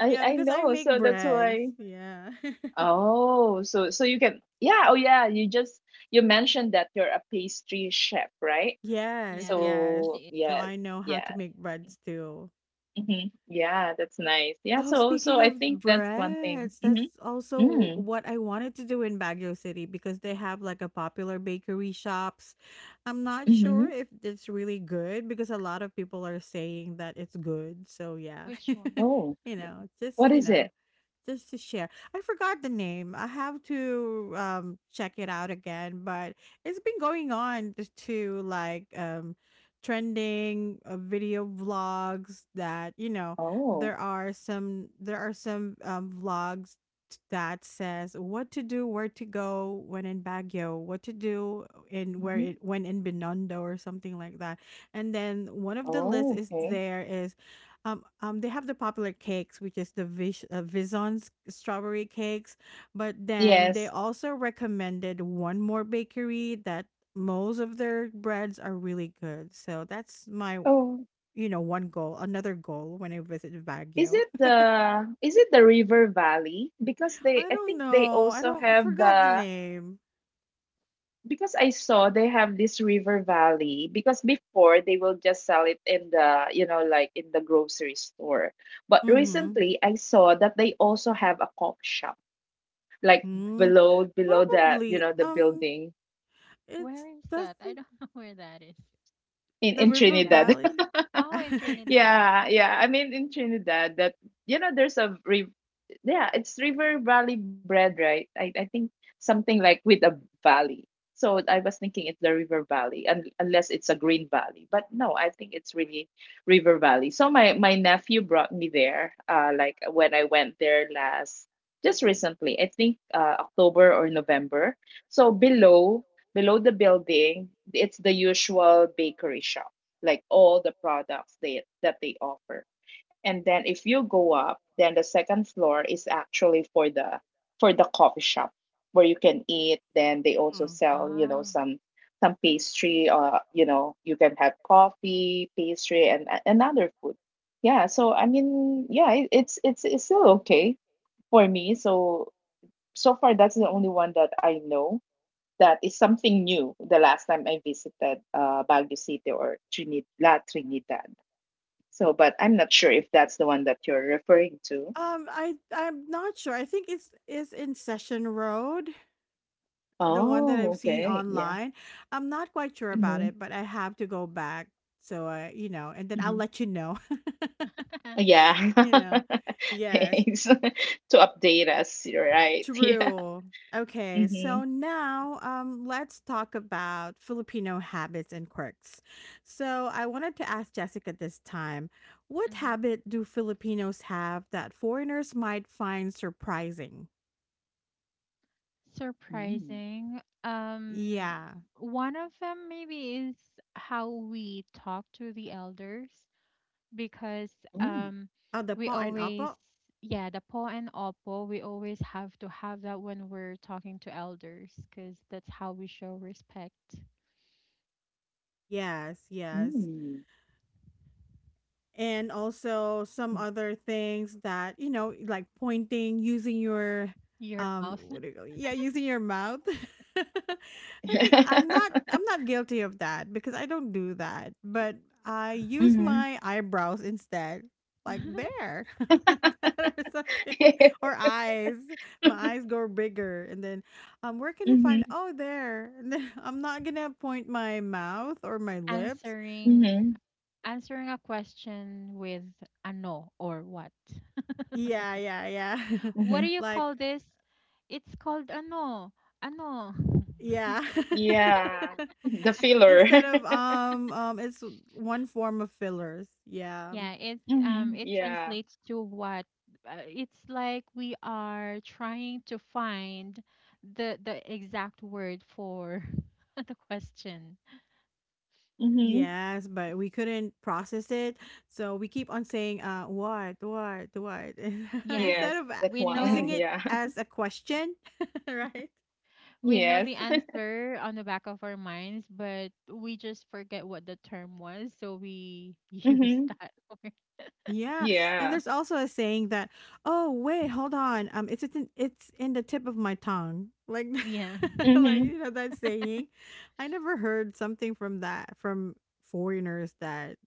I
Yeah,
I
because I
know.
make
So that's
breads.
why.
Yeah. [LAUGHS]
Oh, so you can yeah, oh yeah, you mentioned that you're a pastry chef, right?
Yes,
Yeah.
yes.
So
So I
yes,
know how to
yeah.
make breads too.
Yeah, that's nice. Yeah,
Oh,
so
speaking
so I
of
think that's one thing.
breads, that's
Mm-hmm.
also
Mm,
what I wanted to do in Baguio City because they have like a popular bakery shops. I'm not
mm-hmm.
sure if it's really good because a lot of people are saying that it's good. So yeah.
Which one?
Oh,
[LAUGHS] you know, just,
what
you
is
know,
it?
just to share. I forgot the name. I have to check it out again, but it's been going on to like trending video vlogs that, you know,
Oh.
there are some vlogs that says what to do, where to go when in Baguio, what to do in where
hmm
it when in Binondo or something like that. And then one of the lists
Oh,
is
okay.
there is they have the popular cakes, which is the Vison's strawberry cakes. But then they
Yes.
also recommended one more bakery that most of their breads are really good. So that's my,
Oh,
you know, one goal, another goal when I visit Baguio.
is it the River Valley? Because they
I
I
don't
think they
know. I
also
don't
have
forgot the
the
name.
because I saw they have this River Valley, because before they will just sell it in the like in the grocery store, but
Mm-hmm.
recently I saw that they also have a coffee shop like
hmm
below that,
Probably.
the building,
It's
Where is that? I
doesn't
don't [LAUGHS] know where that is.
in
the
in
River
River
Trinidad.
Valley.
Valley.
Oh, in
[LAUGHS]
Trinidad.
Yeah, yeah, I mean in Trinidad that, you know there's a riv yeah, it's River Valley bread, right? I think something like with a valley. So I was thinking it's the River Valley, unless it's a Green Valley. But no, I think it's really River Valley. So my nephew brought me there, like when I went there last, just recently, I think October or November. So below the building, it's the usual bakery shop, like all the products they that they offer, and then if you go up, then the second floor is actually for the coffee shop where you can eat, then they also
Okay.
[LAUGHS]
sell,
Oh.
some pastry, you can have coffee, pastry, and other food. Yeah, so I mean, yeah, it, it's still okay for me, so so far that's the only one that I know that is something new the last time I visited Baguio City or trinidad La Trinidad. So, but I'm not sure if that's the one that you're referring to.
I'm not sure. I think it's is in Session Road, the one that
Oh,
I've seen
okay. Yeah.
online. I'm not quite sure about
Mm-hmm.
it, but I have to go back. So I, you know, and then I'll
Mm-hmm.
let you know.
[LAUGHS]
[LAUGHS]
Yeah. [LAUGHS]
you know, yes,
Thanks [LAUGHS] to update us, You're right? [LAUGHS] Yeah.
true. Okay, so
Mm-hmm.
now let's talk about Filipino habits and quirks. So I wanted to ask Jessica this time, what
Hmm.
habit do Filipinos have that foreigners might find surprising?
Mm.
Surprising.
Yeah.
One of them maybe is how we talk to the elders because, um,
Oh, the
we
po and
always,
opo?
yeah, the po and opo, we always have to have that when we're talking to elders because that's how we show respect.
Yes, yes.
Mm.
And also some
Mm.
other things that you know like pointing using your
Your mouth.
what do you call, yeah, using your mouth. [LAUGHS] I'm not
[LAUGHS]
guilty of that because I don't do that, but I use
Mm-hmm.
my eyebrows instead, like
[LAUGHS]
there, [LAUGHS] like that or something, or
[LAUGHS]
eyes, my eyes grow bigger and then where can I find,
Mm-hmm.
oh, there, and then [LAUGHS] I'm not gonna point my mouth or my lips.
answering
Mm-hmm.
answering a question with a no or what.
Yeah, yeah, yeah.
What do
Mm-hmm.
[LAUGHS]
you
Like,
call this? It's called ano. Ano.
yeah. [LAUGHS]
Yeah. The filler. [LAUGHS]
Instead of, it's one form of fillers. Yeah.
Yeah, it um
Mm-hmm.
it
Yeah.
translates to what, it's like we are trying to find the exact word for [LAUGHS] the question.
Mm-hmm.
Yes, but we couldn't process it, so we keep on saying, "What? What? What?" [LAUGHS]
Yeah.
Instead
Yes,
of
that
We
using
one.
know
[LAUGHS]
it
Yeah.
as a question, [LAUGHS] right?
We know
Yes.
the answer on the back of our minds, but we just forget what the term was, so we [LAUGHS] use
Mm-hmm.
that word.
Yeah, and
Yeah.
there's also a saying that, "Oh, wait, hold on. It's in the tip of my tongue." Like,
Yeah.
[LAUGHS] like,
Mm-hmm.
you know, that saying. I never heard something from that from foreigners that,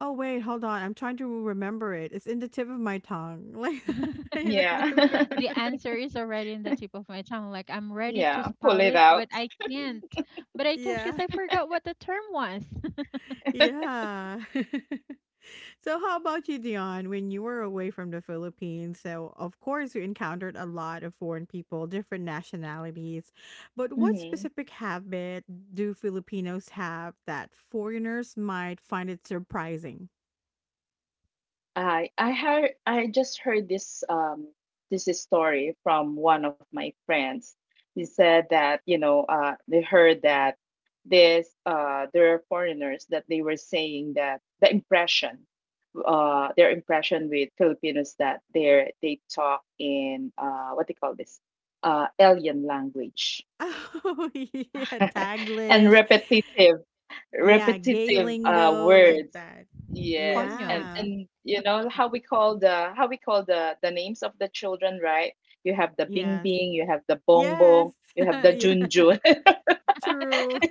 oh, wait, hold on, I'm trying to remember it. It's in the tip of my tongue, [LAUGHS] like, [LAUGHS]
[LAUGHS]
you know, the
Yeah.
word.
[LAUGHS]
The answer is already in the tip of my tongue. Like I'm ready to
Yeah, pull
spout
it
it,
out.
but I can't. But I can't because
Yeah,
I forgot what the term was.
yeah. [LAUGHS] So, how about you, Dion? When you were away from the Philippines, so, of course, you encountered a lot of foreign people, different nationalities, but what
hmm
specific habit do Filipinos have that foreigners might find it surprising?
I just heard this, this story from one of my friends. He said that, they heard that this there are foreigners that they were saying that their impression with Filipinos, that they talk in, what they call this, alien language,
[LAUGHS] Oh, yeah,
[LAUGHS] and
Taglish. Yeah, gay
repetitive,
lingo like
words.
that.
[LAUGHS]
Yes,
Coño.
and
Yeah.
and you know, how we call the names of the children, right? You have the
Yeah.
Bing Bing, you have the Bong
Yes.
Bong, you
[LAUGHS]
have the
Yeah,
Jun Jun.
true.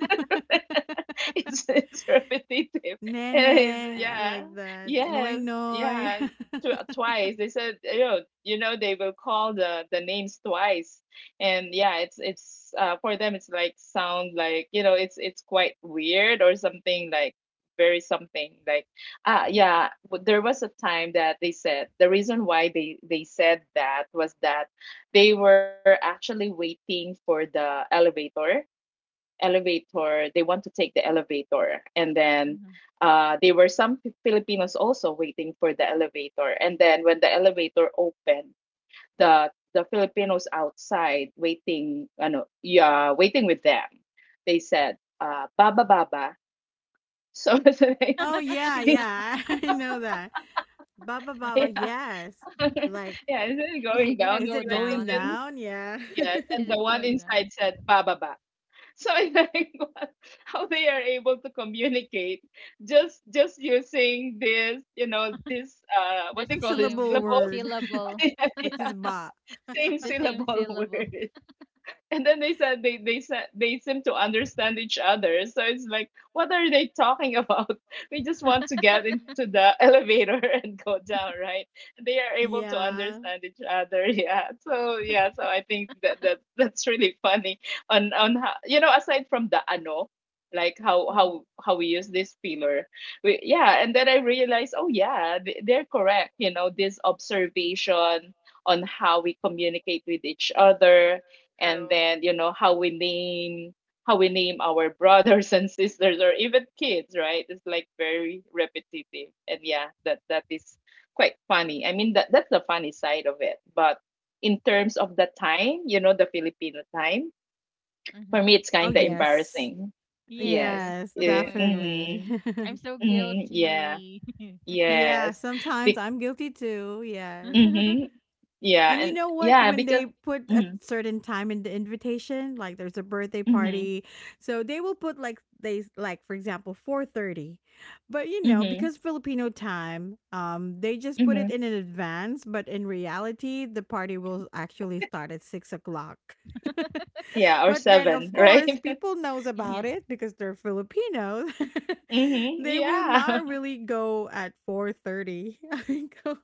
[LAUGHS] It's repetitive.
[LAUGHS]
And
Nene, I
yeah,
like that. Noi
yes,
noi.
yeah.
[LAUGHS]
Twice they said, they will call the names twice, and yeah, it's for them it's like, sound like, it's quite weird or something, like very something like yeah. There was a time that they said the reason why they said that was that they were actually waiting for the elevator elevator. They want to take the elevator, and then,
Mm-hmm.
there were some Filipinos also waiting for the elevator, and then when the elevator opened, the Filipinos outside waiting, ano, yeah, waiting with them, they said, baba baba. So [LAUGHS] it's
Oh,
like
yeah, yeah. [LAUGHS] I know that. Baba baba,
yeah,
yes.
[LAUGHS]
Like,
yeah, and then
Is it
going
gonna
down they
is
go
it
were like, and
going
down?
then
down? Yeah.
yes,
Is
and the
it
[LAUGHS]
one
going down?
inside said baba ba. So [LAUGHS] I like how they are able to communicate, just using this, this,
The
what they
One
call this,
syllable
same
syllables.
word,
[LAUGHS]
syllable.
Yeah,
[LAUGHS] which
yeah,
is ba.
same
The same
syllable [LAUGHS]
syllable.
word. [LAUGHS] And then they said they seem to understand each other, so it's like, what are they talking about? [LAUGHS] We just want to get into the elevator [LAUGHS] and go down, right? They are able to
Yeah.
understand each other. [LAUGHS] Yeah, so yeah, so I think that's really funny, on how, aside from the ano, like how
Mm-hmm.
how how we use this pillar, we, and then I realized, oh yeah, they're correct, this observation on how we communicate with each other, and
True.
then, how we name our [LAUGHS] brothers and sisters or even kids, right? It's like very repetitive, and yeah, that is quite funny. I mean, that's the funny side of it, but in terms of the time, the Filipino time, for
Mm-hmm.
me it's
Oh,
kind of
yes.
embarrassing.
Yes.
Yes,
[LAUGHS]
Yes,
Oh my gosh.
definitely.
mm-hmm,
I'm
[LAUGHS]
so
mm-hmm, yeah,
guilty.
Yeah,
yes.
sometimes
Be-
I'm guilty too. Yes.
[LAUGHS]
mm-hmm, yeah,
And you
and
know what?
yeah,
When
because
they put a
mm-hmm,
certain time in the invitation, like there's a birthday
mm-hmm,
party, so they will put, like, they, like, for example, 4:30, but you know,
mm-hmm,
because Filipino time, they just put
mm-hmm.
it in an advance. But in reality, the party will actually start at 6 o'clock. [LAUGHS]
Yeah, or
But then
7 [LAUGHS]
of
right.
course people knows
Yeah.
about it because they're Filipinos. [LAUGHS]
Mhm.
They will
Yeah.
not
[LAUGHS]
really go at 4:30. [LAUGHS] I go.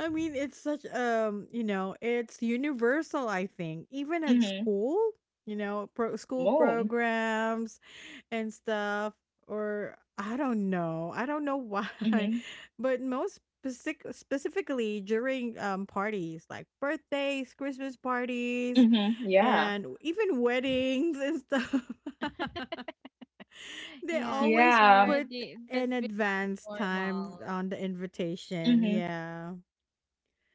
I mean, it's such you know, it's universal. I think even at
Mhm.
school, you know, school
Moon.
programs and stuff, or I don't know why,
Mhm.
[LAUGHS] but most specifically during parties like birthdays, Christmas parties,
Mhm. Yeah.
and even weddings and stuff, [LAUGHS]
[LAUGHS]
they
Yeah,
always
Yeah.
put
that's
an
becoming
advance
normal.
time on the invitation.
Mhm.
Yeah,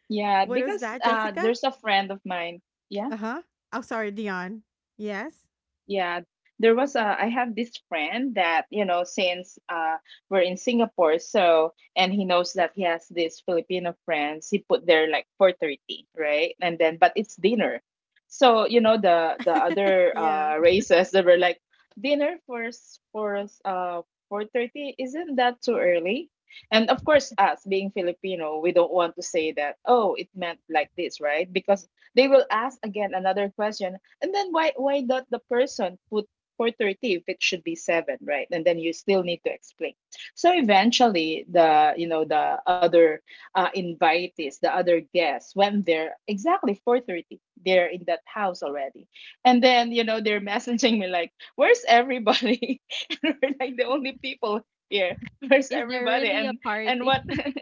Yeah.
what was
Because,
that, Jessica?
there's a friend of mine. Yeah.
Uh-huh. Oh, sorry, Dion. Yes.
Yeah, I have this friend that, since, we're in Singapore, so, and he knows that he has this Filipino friends, he put there like 4:30, right? And then but it's dinner. So, the other,
Yeah.
races, they were like, dinner for 4:30, isn't that too early? And of course, us being Filipino, we don't want to say that, oh, it meant like this, right? Because they will ask again another question, and then why not the person put 4:30 if it should be 7, right? And then you still need to explain. So eventually the you know the other, invitees, the other guests, when they're exactly 4:30, they're in that house already. And then, they're [LAUGHS] messaging me like, "Where's everybody?" [LAUGHS] And we're like, the only people here. Where's
Is there
everybody?
really a
And
party?
what,
[LAUGHS]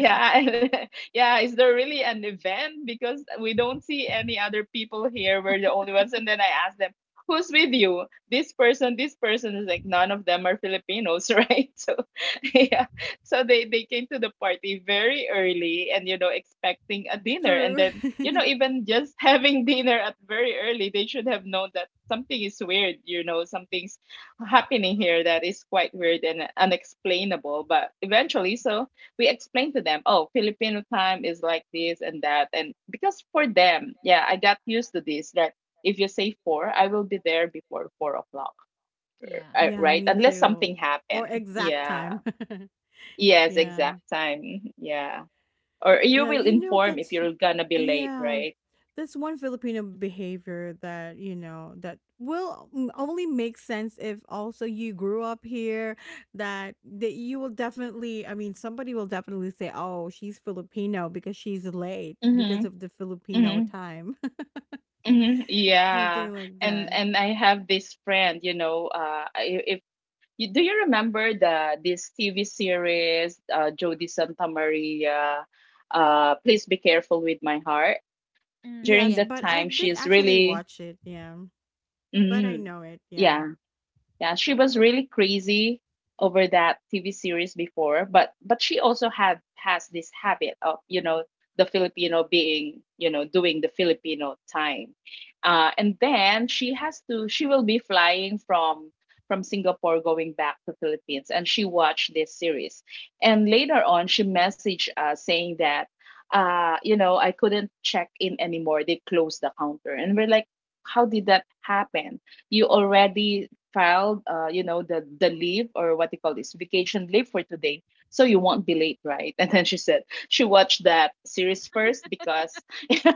yeah, [LAUGHS] yeah. Is there really an event? Because we don't see any other people here. We're the only ones. And then I asked them, "Who's with you? This person, this person." Is like, none of them are Filipinos, [LAUGHS] right? So, [LAUGHS] yeah. So they came to the party very early, and, expecting a dinner, and
True.
then,
[LAUGHS]
even just [LAUGHS] having dinner at very early, they should have known that something is weird. You know, something's happening here that is quite weird and unexplainable. But eventually, so we explain to them, oh, Filipino time is like this and that. And because, for them, yeah, I got used to this, that if you say 4, I will be there before 4 o'clock,
Yeah.
Yeah,
right?
me
Unless
too.
something
Or
happened.
exact time.
Yeah.
[LAUGHS]
Yes,
Yeah.
exact time. Yeah. Or you
Yeah,
will
you know
inform if
that's,
you're gonna be late,
yeah.
right?
That's one Filipino behavior that, you know, that will only make sense if also you grew up here, that you will definitely, I mean, somebody will definitely say, "Oh, she's Filipino because she's late
Mm-hmm.
because of the Filipino
Mm-hmm.
time." [LAUGHS]
Mm-hmm. Yeah.
Something like
And
that.
and I have this friend, I- if You, do you remember the this TV series, Jody Santa Maria, Please Be Careful with My Heart?
Mm,
During that
Yes,
yes,
time,
but I
she's
didn't actually
really,
watch it, yeah. But I
mm,
know it, yeah.
yeah, yeah, she was really crazy over that TV series before, but she also had has this habit of, the Filipino being, doing the Filipino time, and then she has to she will be flying from Singapore going back to Philippines, and she watched this series, and later on she messaged us saying that, I couldn't check in anymore, they closed the counter, and we're like, how did that happen? You already filed, the leave, or what you call this, vacation leave, for today, so you won't be late, right?" [LAUGHS] And then she said she watched that series first, because [LAUGHS]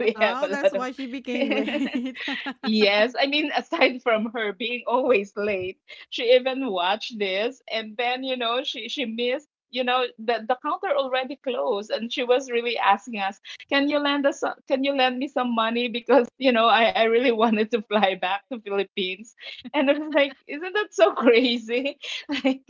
we have a
Oh, that's
lot of
why she became
[LAUGHS]
late. [LAUGHS]
yes, I mean, [LAUGHS] aside from her being always late, she even watched this, and then, she missed. You know, the counter already closed, and she was really asking us, "Can you lend us? Can you lend me some money? Because, I really [LAUGHS] wanted to fly back to Philippines." And I was like, "Isn't that so crazy? [LAUGHS] Like,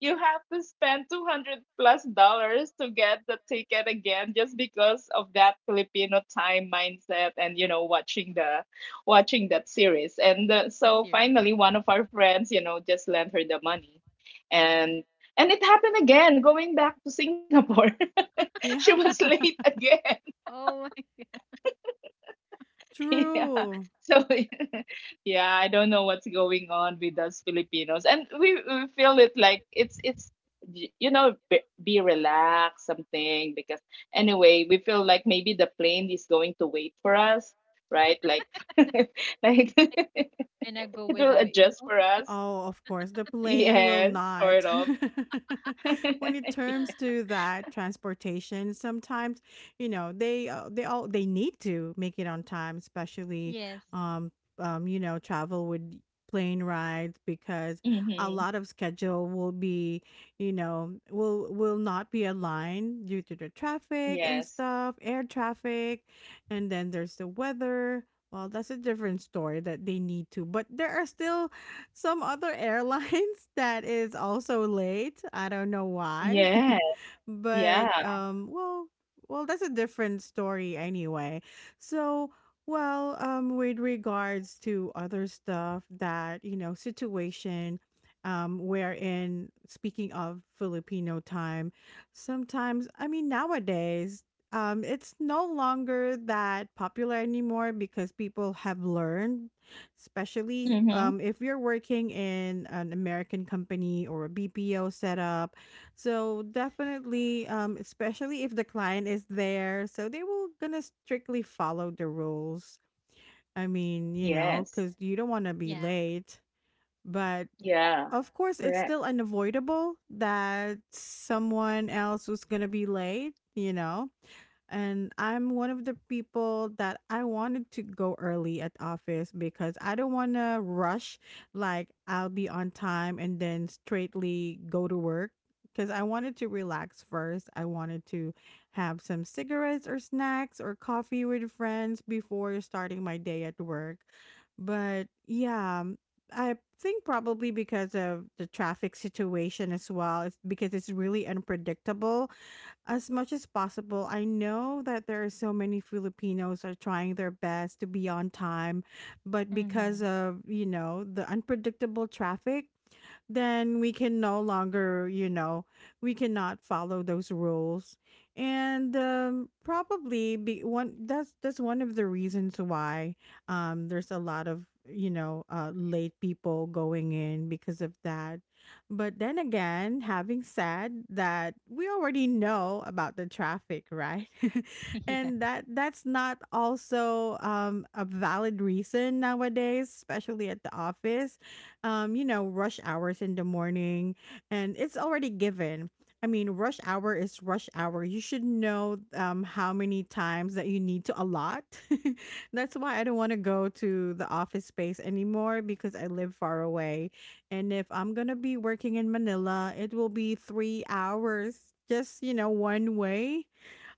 you have to spend $200+ to get the ticket again, just because of that Filipino time mindset and, watching the." Watching that series. And,
the
so
series.
finally, one of our friends, just lent her the money, and and it happened again. Going back to Singapore, [LAUGHS] she
Yeah,
was late again.
Oh,
[LAUGHS] Yeah.
true.
So [LAUGHS] yeah, I don't know what's going on with us Filipinos, and we feel it like it's, be relaxed something, because anyway we feel like maybe the plane is going to wait for us, right? Like [LAUGHS] like [LAUGHS] it
[LAUGHS] I'm gonna go
will
without you.
adjust for us.
Oh, of course, the plane will
Yes,
not.
sort of.
[LAUGHS] When it
[LAUGHS]
turns
[GASPS] [LAUGHS]
to that transportation, sometimes you know they all, they need to make it on time, especially
Yes.
um you know, travel with plane rides because a
Mhm.
lot of schedule will be, you know, will not be aligned due to the traffic and
Yes.
stuff, air traffic, and then there's the weather. Well, that's a different story that they need to, but there are still some other airlines [LAUGHS] that is also late. I don't know why.
Yeah.
[LAUGHS]
Yeah.
But well, well that's a different story anyway. So well, with regards to other stuff that, you know, situation wherein, speaking of Filipino time, sometimes, I mean, nowadays, it's no longer that popular anymore because people have learned, especially
Mhm.
if you're working in an American company or a BPO setup. So definitely, especially if the client is there, so they will gonna strictly follow the rules. I mean, you
Yes.
know, because you don't want to be
Yeah.
late, but
Yeah.
of course,
Correct.
it's still unavoidable that someone else was gonna be late. You know, and I'm one of the people that I wanted to go early at office because I don't want to rush. Like I'll be on time and then straightly go to work because I wanted to relax first. I wanted to have some cigarettes or snacks or coffee with friends before starting my day at work. But yeah, I think probably because of the traffic situation as well. It's because it's really unpredictable. As much as possible, I know that there are so many Filipinos are trying their best to be on time, but
Mm-hmm.
because of, you know, the unpredictable traffic, then we can no longer, you know, we cannot follow those rules. And probably be one that's one of the reasons why there's a lot of, you know, late people going in because of that. But then again, having said that, we already know about the traffic, right? [LAUGHS] And that's not also a valid reason nowadays, especially at the office. You know, rush hours in the morning, and it's already given. I mean, rush hour is rush hour. You should know how many times that you need to allot. [LAUGHS] That's why I don't want to go to the office space anymore because I live far away, and if I'm going to be working in Manila, it will be 3 hours just, you know, one way,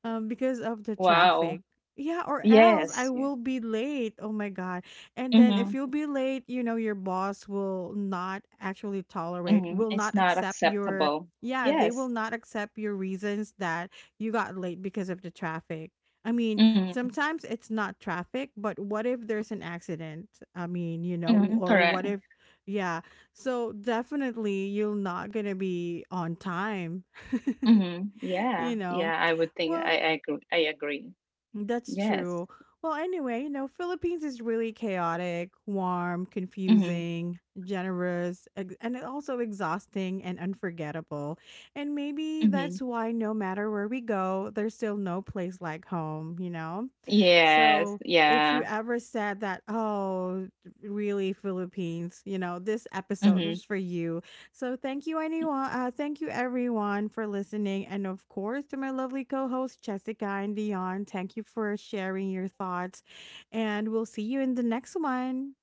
because of the
Wow.
traffic. Yeah, or else I
Yes. Yeah.
will be late. Oh my God. And then if
Mhm.
you'll be late, you know, your boss will not actually tolerate,
Mhm.
will
It's
not
not
accept your,
acceptable.
yeah, they will
Yes.
not accept your reasons that you got late because of the traffic. I mean,
Mhm.
sometimes it's not traffic, but what if there's an accident? I mean, you know,
Mhm.
or
Correct.
what if, yeah. So definitely you're not going to be on time, [LAUGHS]
Mhm. Yeah.
you know.
Yeah. I would think I
Well,
I agree. I agree.
that's
Yes.
true. Well, anyway, you know, Philippines is really chaotic, warm,
Mhm.
confusing, generous, and also exhausting and unforgettable. And maybe
Mhm.
that's why no matter where we go, there's still no place like home, you know?
Yes.
So if you
Yeah.
ever said that, oh, really, Philippines, you know, this episode
Mhm.
was for you, so thank you, anyone. Thank you, everyone, for listening, and of course to my lovely co-hosts Jessica and Dion. Thank you for sharing your thoughts, and we'll see you in the next one.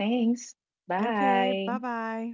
Thanks.
Okay,
Bye.
bye bye.